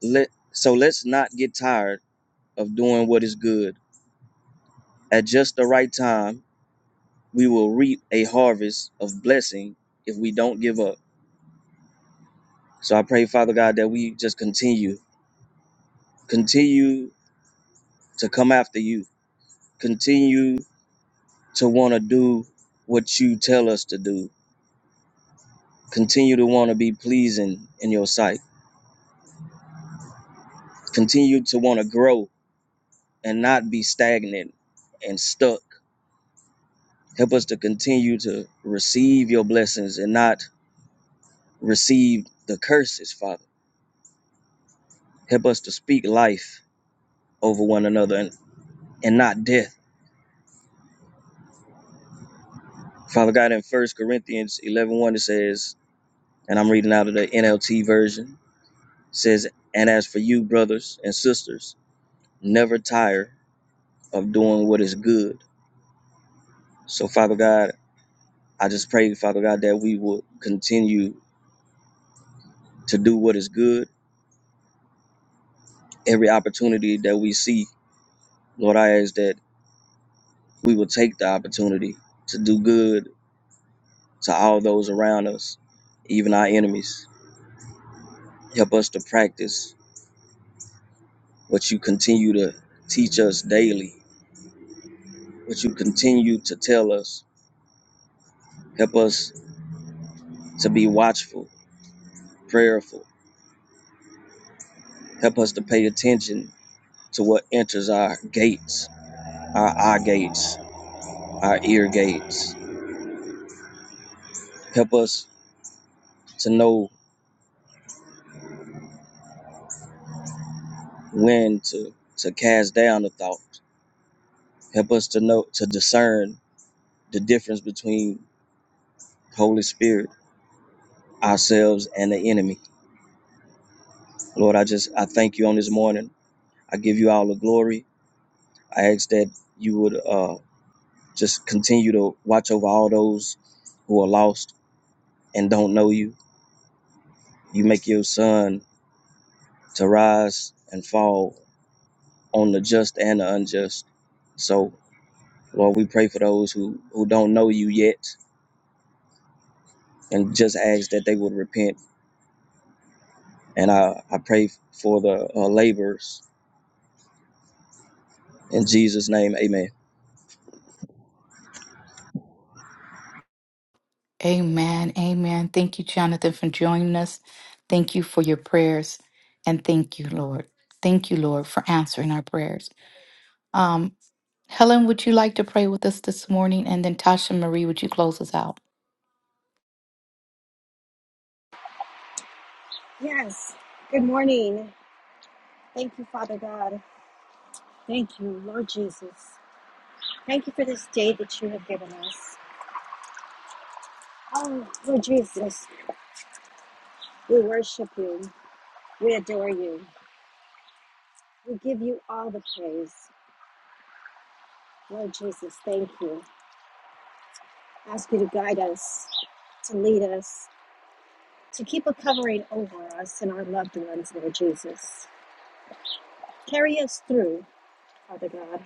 E: let so let's not get tired of doing what is good at just the right time we will reap a harvest of blessing if we don't give up. So I pray, Father God, that we just continue, continue to come after you, continue to want to do what you tell us to do, continue to want to be pleasing in your sight, continue to want to grow and not be stagnant and stuck. Help us to continue to receive your blessings and not receive the curses, Father. Help us to speak life over one another and, and not death Father God, in First Corinthians eleven one it says, and I'm reading out of the NLT version, says, And as for you, brothers and sisters, never tire of doing what is good. So, Father God, I just pray, Father God, that we will continue to do what is good. Every opportunity that we see, Lord, I ask that we will take the opportunity to do good to all those around us, even our enemies. Help us to practice what you continue to teach us daily Would you continue to tell us? Help us to be watchful, prayerful. Help us to pay attention to what enters our gates, our eye gates, our ear gates. Help us to know when to, to cast down a thought. Help us to know to discern the difference between Holy Spirit, ourselves, and the enemy. Lord, I just I thank you on this morning. I give you all the glory. I ask that you would uh Just continue to watch over all those who are lost and don't know you. You make your sun to rise and fall on the just and the unjust. So, Lord, we pray for those who, who don't know you yet and just ask that they would repent. And I, I pray for the uh, laborers. In Jesus' name, amen.
A: Amen. Amen. Thank you, Jonathan, for joining us. Thank you for your prayers. And thank you, Lord. Thank you, Lord, for answering our prayers. Um, Helen, would you like to pray with us this morning? And then Tasha Marie, would you close us out?
F: Yes. Good morning. Thank you, Father God. Thank you, Lord Jesus. Thank you for this day that you have given us. Oh, Lord Jesus, we worship you. We adore you. We give you all the praise. Lord Jesus, thank you. Ask you to guide us, to lead us, to keep a covering over us and our loved ones, Lord Jesus. Carry us through, Father God.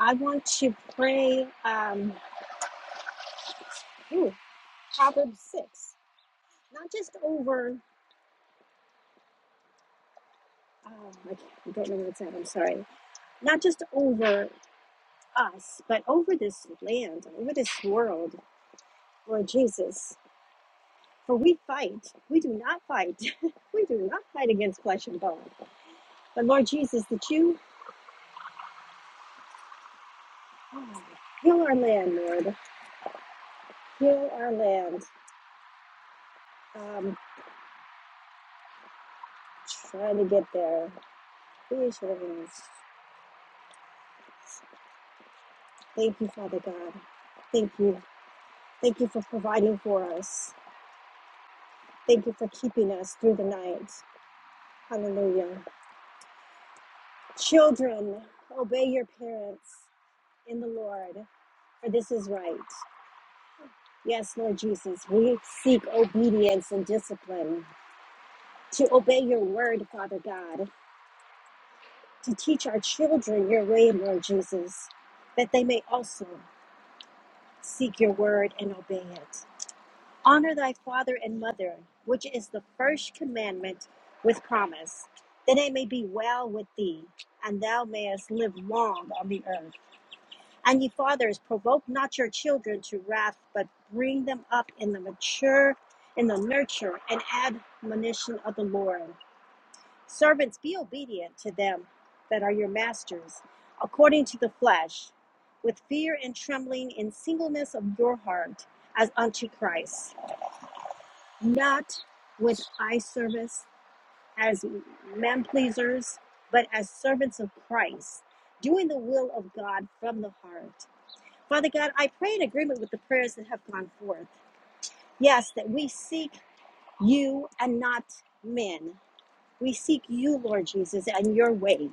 F: I want to pray um, ooh, Proverbs 6, not just over um, I I don't know where it's at. I'm sorry. Not just over us, but over this land, over this world, Lord Jesus. For we fight. We do not fight. we do not fight against flesh and bone. But Lord Jesus, that you oh, heal our land, Lord. Heal our land. Um, trying to get there. Please, Lord. Thank you, Father God. Thank you. Thank you for providing for us. Thank you for keeping us through the night. Hallelujah. Children, obey your parents in the Lord, for this is right. Yes, Lord Jesus, we seek obedience and discipline to obey your word, Father God, to teach our children your way, Lord Jesus, that they may also seek your word and obey it. Honor thy father and mother, which is the first commandment with promise, that it may be well with thee, and thou mayest live long on the earth. And ye fathers, provoke not your children to wrath, but bring them up in the mature, in the nurture and admonition of the Lord. Servants, be obedient to them that are your masters, according to the flesh, with fear and trembling in singleness of your heart, as unto Christ, not with eye service as men pleasers, but as servants of Christ, doing the will of God from the heart Father God, I pray in agreement with the prayers that have gone forth. Yes, that we seek you and not men. We seek you, Lord Jesus, and your ways,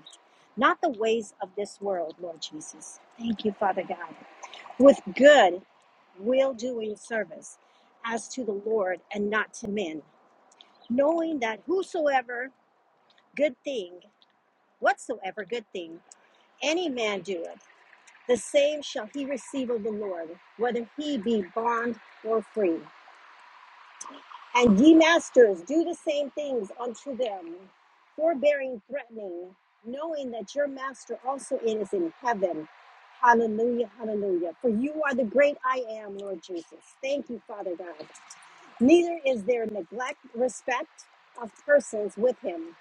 F: not the ways of this world, Lord Jesus. Thank you, Father God. With good will doing service as to the Lord and not to men, knowing that whosoever good thing, whatsoever good thing, any man doeth, the same shall he receive of the Lord, whether he be bond or free. And ye masters, do the same things unto them, forbearing, threatening, knowing that your master also is in heaven. Hallelujah, hallelujah. For you are the great I am, Lord Jesus. Thank you, Father God. Neither is there neglect, respect of persons with him.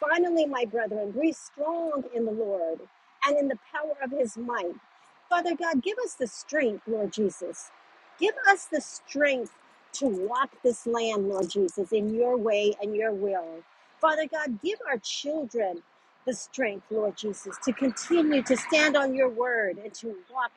F: Finally, my brethren, be strong in the Lord and in the power of his might. Father God, give us the strength, Lord Jesus. Give us the strength to walk this land, Lord Jesus, in your way and your will. Father God, give our children the strength, Lord Jesus, to continue to stand on your word and to walk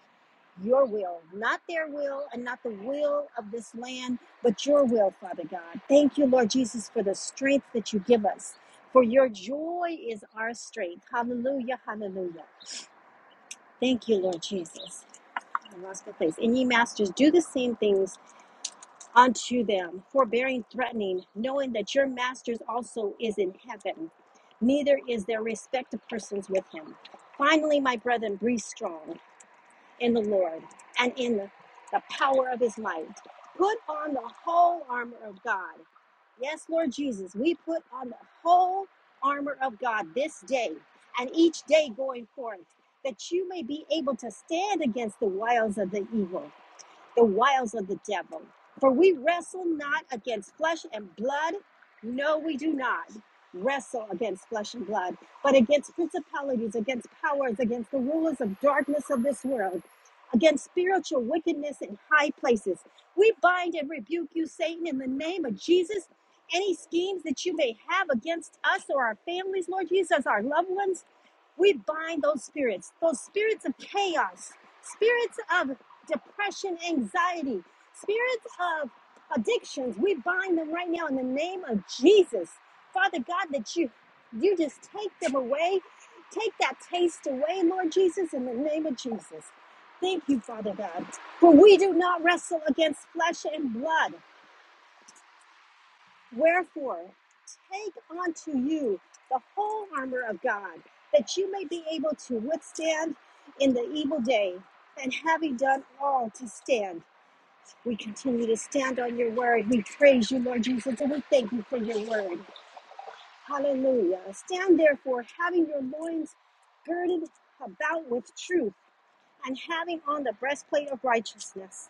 F: your will, not their will and not the will of this land, but your will, Father God. Thank you, Lord Jesus, for the strength that you give us. For your joy is our strength. Hallelujah, hallelujah. Thank you, Lord Jesus. In the last place. And ye masters, do the same things unto them, forbearing, threatening, knowing that your Master also is in heaven, neither is there respect of persons with him. Finally, my brethren, be strong in the Lord and in the power of his might. Put on the whole armor of God. Yes, Lord Jesus, we put on the whole armor of God this day and each day going forth, that you may be able to stand against the wiles of the evil the wiles of the devil. For we wrestle not against flesh and blood. No, we do not wrestle against flesh and blood, but against principalities, against powers, against the rulers of darkness of this world, against spiritual wickedness in high places. We bind and rebuke you, Satan, in the name of Jesus. Any schemes that you may have against us or our families, Lord Jesus, our loved ones, we bind those spirits, those spirits of chaos, spirits of depression, anxiety, spirits of addictions. We bind them right now in the name of Jesus. Father God, that you you just take them away. Take that taste away, Lord Jesus, in the name of Jesus. Thank you, Father God. For we do not wrestle against flesh and blood. Wherefore, take unto you the whole armor of God, that you may be able to withstand in the evil day, and having done all to stand. We continue to stand on your word. We praise you, Lord Jesus, and we thank you for your word. Hallelujah. Stand therefore, having your loins girded about with truth and having on the breastplate of righteousness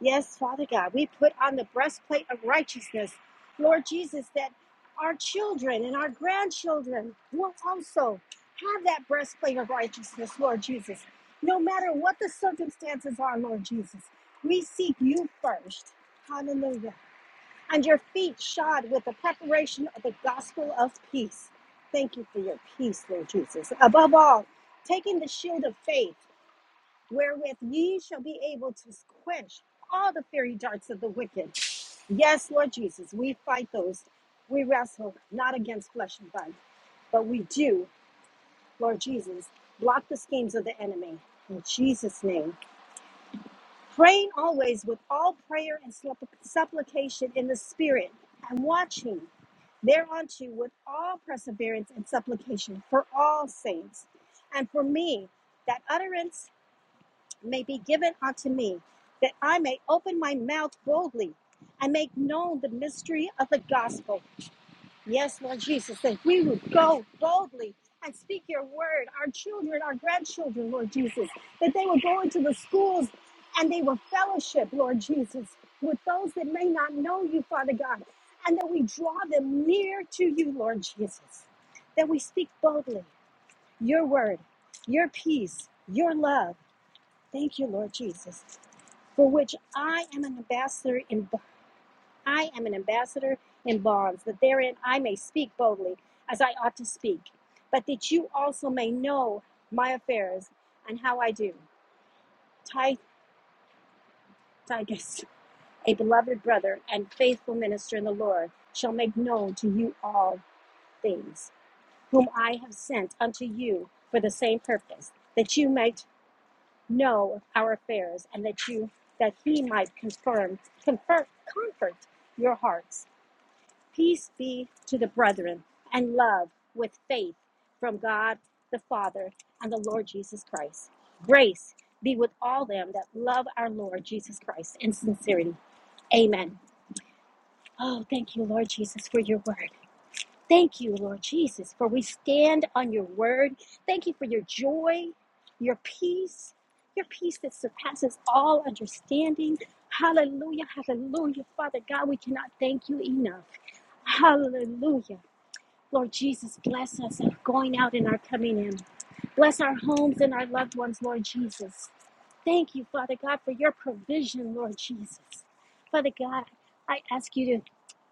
F: Yes, Father God, we put on the breastplate of righteousness, Lord Jesus, that our children and our grandchildren will also have that breastplate of righteousness, Lord Jesus. No matter what the circumstances are, Lord Jesus, we seek you first. Hallelujah. And your feet shod with the preparation of the gospel of peace. Thank you for your peace, Lord Jesus. Above all, taking the shield of faith wherewith ye shall be able to quench all the fiery darts of the wicked. Yes, Lord Jesus, we fight those. We wrestle not against flesh and blood, but we do, Lord Jesus, block the schemes of the enemy. In Jesus' name, praying always with all prayer and supp- supplication in the Spirit, and watching thereunto with all perseverance and supplication for all saints, and for me, that utterance may be given unto me, that I may open my mouth boldly and make known the mystery of the gospel. Yes, Lord Jesus, that we would go boldly and speak your word, our children, our grandchildren, Lord Jesus, that they would go into the schools and they will fellowship, Lord Jesus, with those that may not know you, Father God, and that we draw them near to you, Lord Jesus, that we speak boldly your word, your peace, your love. Thank you, Lord Jesus for which I am an ambassador in I am an ambassador in bonds, that therein I may speak boldly as I ought to speak, but that you also may know my affairs and how I do. Titus, a beloved brother and faithful minister in the Lord, shall make known to you all things, whom I have sent unto you for the same purpose, that you might know our affairs, and that you that he might confirm, confirm, comfort your hearts Peace be to the brethren and love with faith from God the Father and the Lord Jesus Christ. Grace be with all them that love our Lord Jesus Christ in sincerity. Amen. Oh, thank you, Lord Jesus, for your word. Thank you, Lord Jesus, for we stand on your word. Thank you for your joy, your peace, your peace that surpasses all understanding. Hallelujah, hallelujah. Father God, we cannot thank you enough. Hallelujah. Lord Jesus, bless us our going out and our coming in. Bless our homes and our loved ones, Lord Jesus. Thank you, Father God, for your provision, Lord Jesus. Father God, I ask you to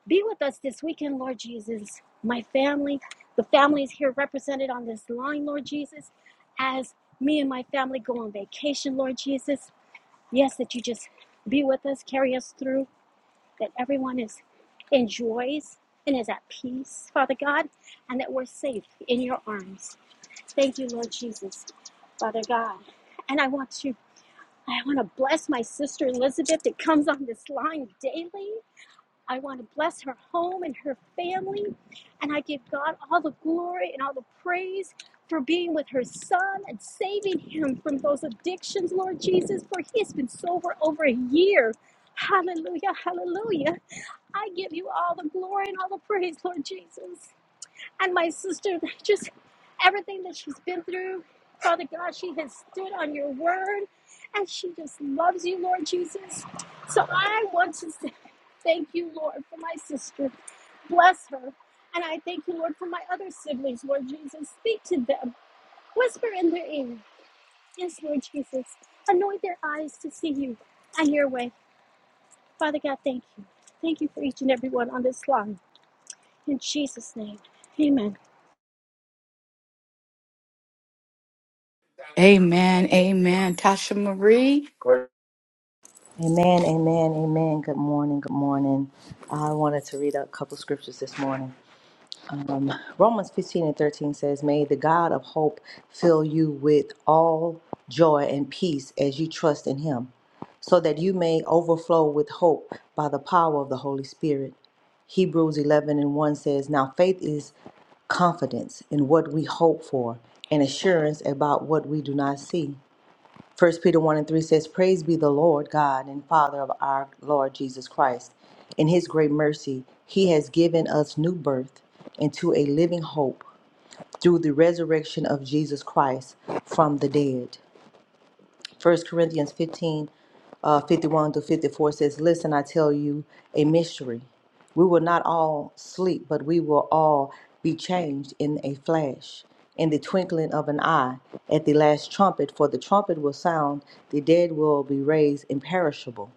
F: be with us this weekend, Lord Jesus. My family, the families here represented on this line, Lord Jesus, as me and my family go on vacation, Lord Jesus. Yes, that you just be with us, carry us through that everyone is enjoys and is at peace, Father God, and that we're safe in your arms. Thank you, Lord Jesus, Father God. And I want to I want to bless my sister Elizabeth that comes on this line daily. I want to bless her home and her family. And I give God all the glory and all the praise for being with her son and saving him from those addictions, Lord Jesus, for he has been sober over a year. Hallelujah, hallelujah. I give you all the glory and all the praise, Lord Jesus. And my sister, just everything that she's been through, Father God, she has stood on your word and she just loves you, Lord Jesus. So I want to say thank you, Lord, for my sister. Bless her. And I thank you, Lord, for my other siblings, Lord Jesus. Speak to them, whisper in their ear. Yes, Lord Jesus. Anoint their eyes to see you and your way. Father God, thank you. Thank you for each and every one on this line. In Jesus' name, amen.
A: Amen. Amen. Tasha Marie.
G: Amen, amen, amen. Good morning, good morning. I wanted to read a couple scriptures this morning. Um, Romans 15 and 13 says, May the God of hope fill you with all joy and peace as you trust in him, so that you may overflow with hope by the power of the Holy Spirit. Hebrews 11 and 1 says, Now faith is confidence in what we hope for and assurance about what we do not see. First Peter 1 and 3 says, Praise be the Lord God and Father of our Lord Jesus Christ. In his great mercy, he has given us new birth into a living hope through the resurrection of Jesus Christ from the dead. First Corinthians 15, uh, 51 to 54 says, Listen, I tell you a mystery. We will not all sleep, but we will all be changed in a flash, in the twinkling of an eye, at the last trumpet. For the trumpet will sound, the dead will be raised imperishable,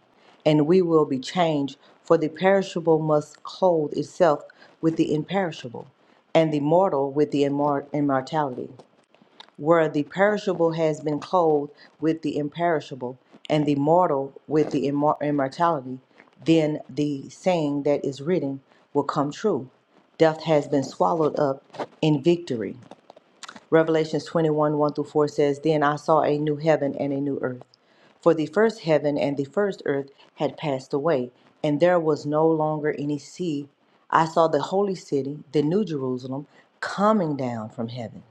G: and we will be changed. For the perishable must clothe itself with the imperishable, and the mortal with the immor- immortality where the perishable has been clothed with the imperishable, and the mortal with the immor- immortality, then the saying that is written will come true. Death has been swallowed up in victory. Revelations 21 1 through 4 says, Then I saw a new heaven and a new earth. For the first heaven and the first earth had passed away, and there was no longer any sea. I saw the holy city, the new Jerusalem, coming down from heaven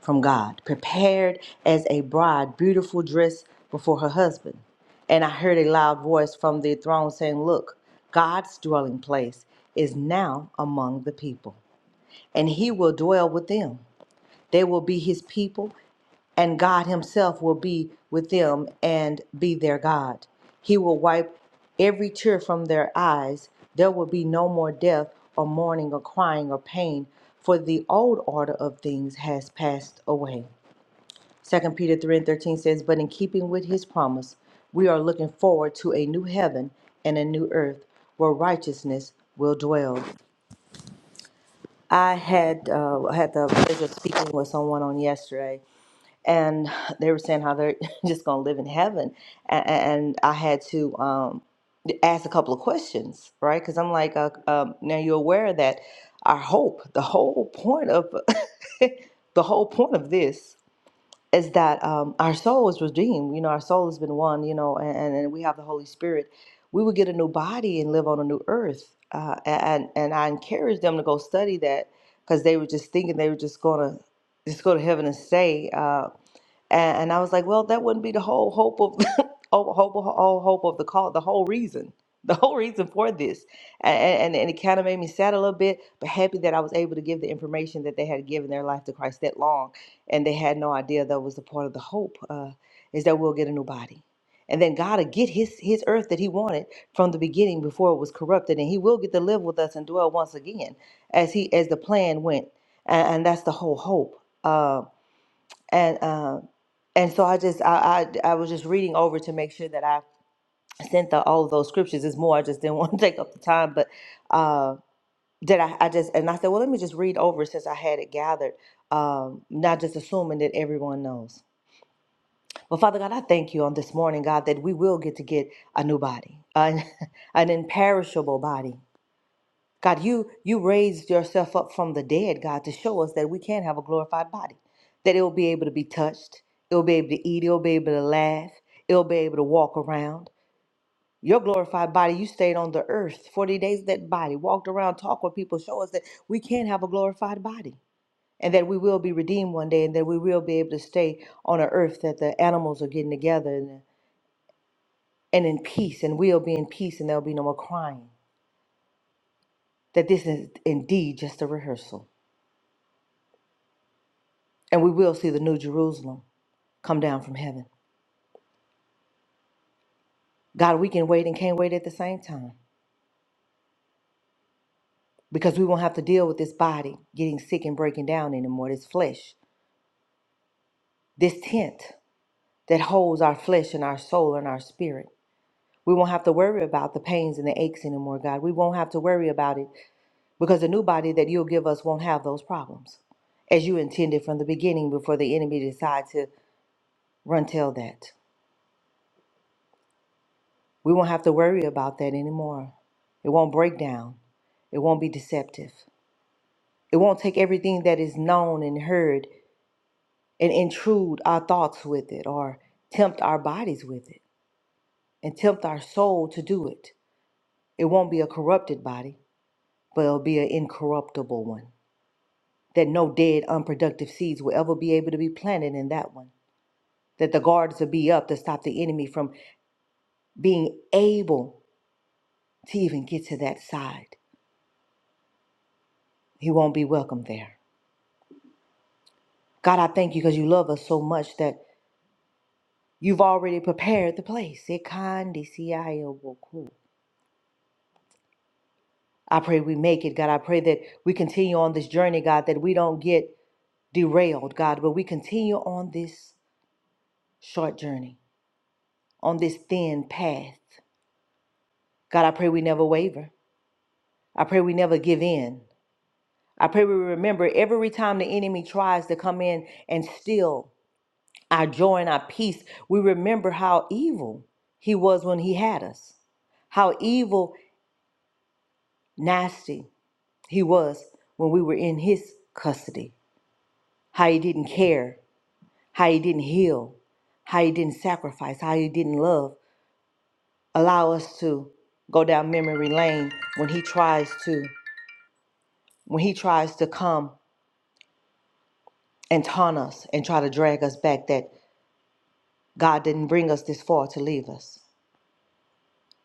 G: from God, prepared as a bride, beautiful dress before her husband. And I heard a loud voice from the throne saying, Look, God's dwelling place is now among the people, and he will dwell with them. They will be his people, and God himself will be with them and be their God. He will wipe every tear from their eyes. There will be no more death or mourning or crying or pain, for the old order of things has passed away. Second Peter three and thirteen says, But in keeping with his promise, we are looking forward to a new heaven and a new earth where righteousness will dwell. I had uh, had the pleasure of speaking with someone on yesterday, and they were saying how they're just going to live in heaven, and, and I had to um, ask a couple of questions, right? Because I'm like, uh, um, now you're aware that our hope, the whole point of the whole point of this is that um, our soul is redeemed. You know, our soul has been won. You know, and, and we have the Holy Spirit. We would get a new body and live on a new earth. Uh, and and I encouraged them to go study that because they were just thinking they were just gonna just go to heaven and stay. Uh, and, and I was like, well, that wouldn't be the whole hope of whole, whole, whole hope of the call, the whole reason, the whole reason for this. And, and, and it kind of made me sad a little bit, but happy that I was able to give the information that they had given their life to Christ that long. And they had no idea that was the part of the hope uh, is that we'll get a new body. And then God will get his, his earth that he wanted from the beginning before it was corrupted. And he will get to live with us and dwell once again as he as the plan went. And, and that's the whole hope. Uh, and uh, and so I just I, I I was just reading over to make sure that I sent the all of those scriptures. It's more I just didn't want to take up the time, but uh, that I, I just and I said, well, let me just read over since I had it gathered, um, not just assuming that everyone knows. But Father God, I thank you on this morning, God, that we will get to get a new body, an, an imperishable body. God, you you raised yourself up from the dead, God, to show us that we can have a glorified body, that it will be able to be touched, it will be able to eat, it will be able to laugh, it will be able to walk around. Your glorified body, you stayed on the earth 40 days, in that body walked around, talked with people, show us that we can have a glorified body and that we will be redeemed one day and that we will be able to stay on an earth that the animals are getting together and, and in peace and we'll be in peace and there'll be no more crying. That this is indeed just a rehearsal And we will see the new Jerusalem come down from heaven. God, we can wait and can't wait at the same time because we won't have to deal with this body getting sick and breaking down anymore, this flesh, this tent that holds our flesh and our soul and our spirit. We won't have to worry about the pains and the aches anymore, God. We won't have to worry about it because the new body that you'll give us won't have those problems as you intended from the beginning before the enemy decided to run tell that. We won't have to worry about that anymore. It won't break down. It won't be deceptive. It won't take everything that is known and heard and intrude our thoughts with it or tempt our bodies with it and tempt our soul to do it. It won't be a corrupted body, but it'll be an incorruptible one. That no dead, unproductive seeds will ever be able to be planted in that one. That the guards will be up to stop the enemy from being able to even get to that side. He won't be welcome there. God, I thank you because you love us so much that you've already prepared the place. I pray we make it, God. I pray that we continue on this journey, God, that we don't get derailed, God, but we continue on this short journey, on this thin path. God, I pray we never waver. I pray we never give in. I pray we remember every time the enemy tries to come in and steal our joy and our peace, we remember how evil he was when he had us, how evil, nasty he was when we were in his custody, how he didn't care, how he didn't heal, how he didn't sacrifice, how he didn't love. Allow us to go down memory lane when he tries to when he tries to come and taunt us and try to drag us back that God didn't bring us this far to leave us.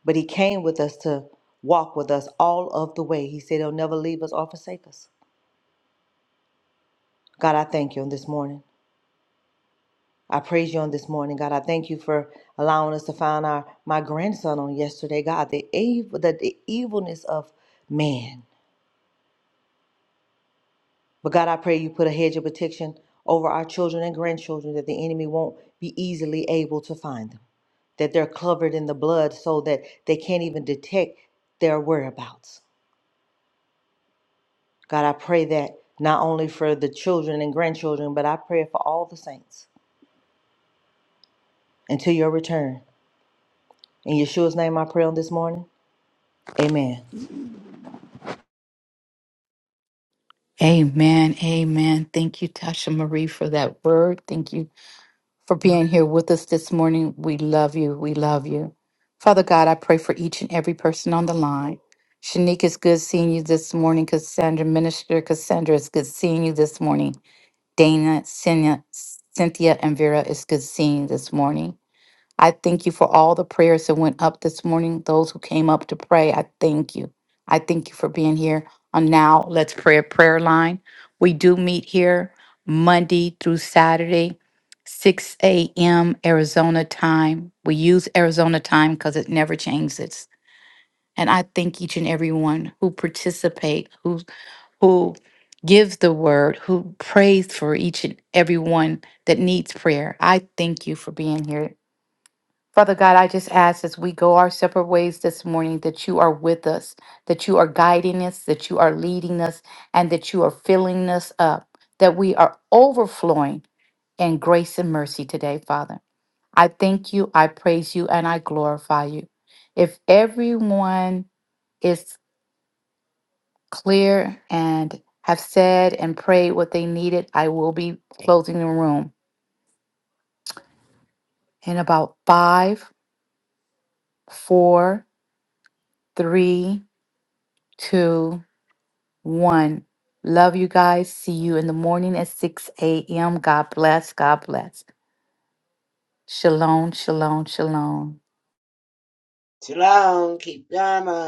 G: But he came with us to walk with us all of the way. He said he'll never leave us or forsake us. God, I thank you on this morning. I praise you on this morning, God. I thank you for allowing us to find our my grandson on yesterday, God. The evil, the, the evilness of man. But God, I pray you put a hedge of protection over our children and grandchildren that the enemy won't be easily able to find them. That they're covered in the blood so that they can't even detect their whereabouts. God, I pray that not only for the children and grandchildren, but I pray for all the saints until your return. In Yeshua's name I pray on this morning. Amen.
A: Amen. Amen. Thank you, Tasha Marie, for that word. Thank you for being here with us this morning. We love you. We love you. Father God, I pray for each and every person on the line. Shanique, it's good seeing you this morning. Cassandra, Minister Cassandra, it's good seeing you this morning. Dana, Cynthia, Cynthia and Vera, it's good seeing you this morning. I thank you for all the prayers that went up this morning, those who came up to pray. I thank you. I thank you for being here on Now Let's Pray a Prayer Line. We do meet here Monday through Saturday, 6 a.m. Arizona time. We use Arizona time because it never changes. And I thank each and everyone who participate, who who gives the word, who prays for each and everyone that needs prayer. I thank you for being here Father God, I just ask as we go our separate ways this morning that you are with us, that you are guiding us, that you are leading us, and that you are filling us up, that we are overflowing in grace and mercy today, Father. I thank you, I praise you, and I glorify you. If everyone is clear and have said and prayed what they needed, I will be closing the room in about five, four, three, two, One, love you guys. See you in the morning at 6 a.m. God bless. God bless. Shalom, shalom, shalom.
D: Shalom. Keep Dharma.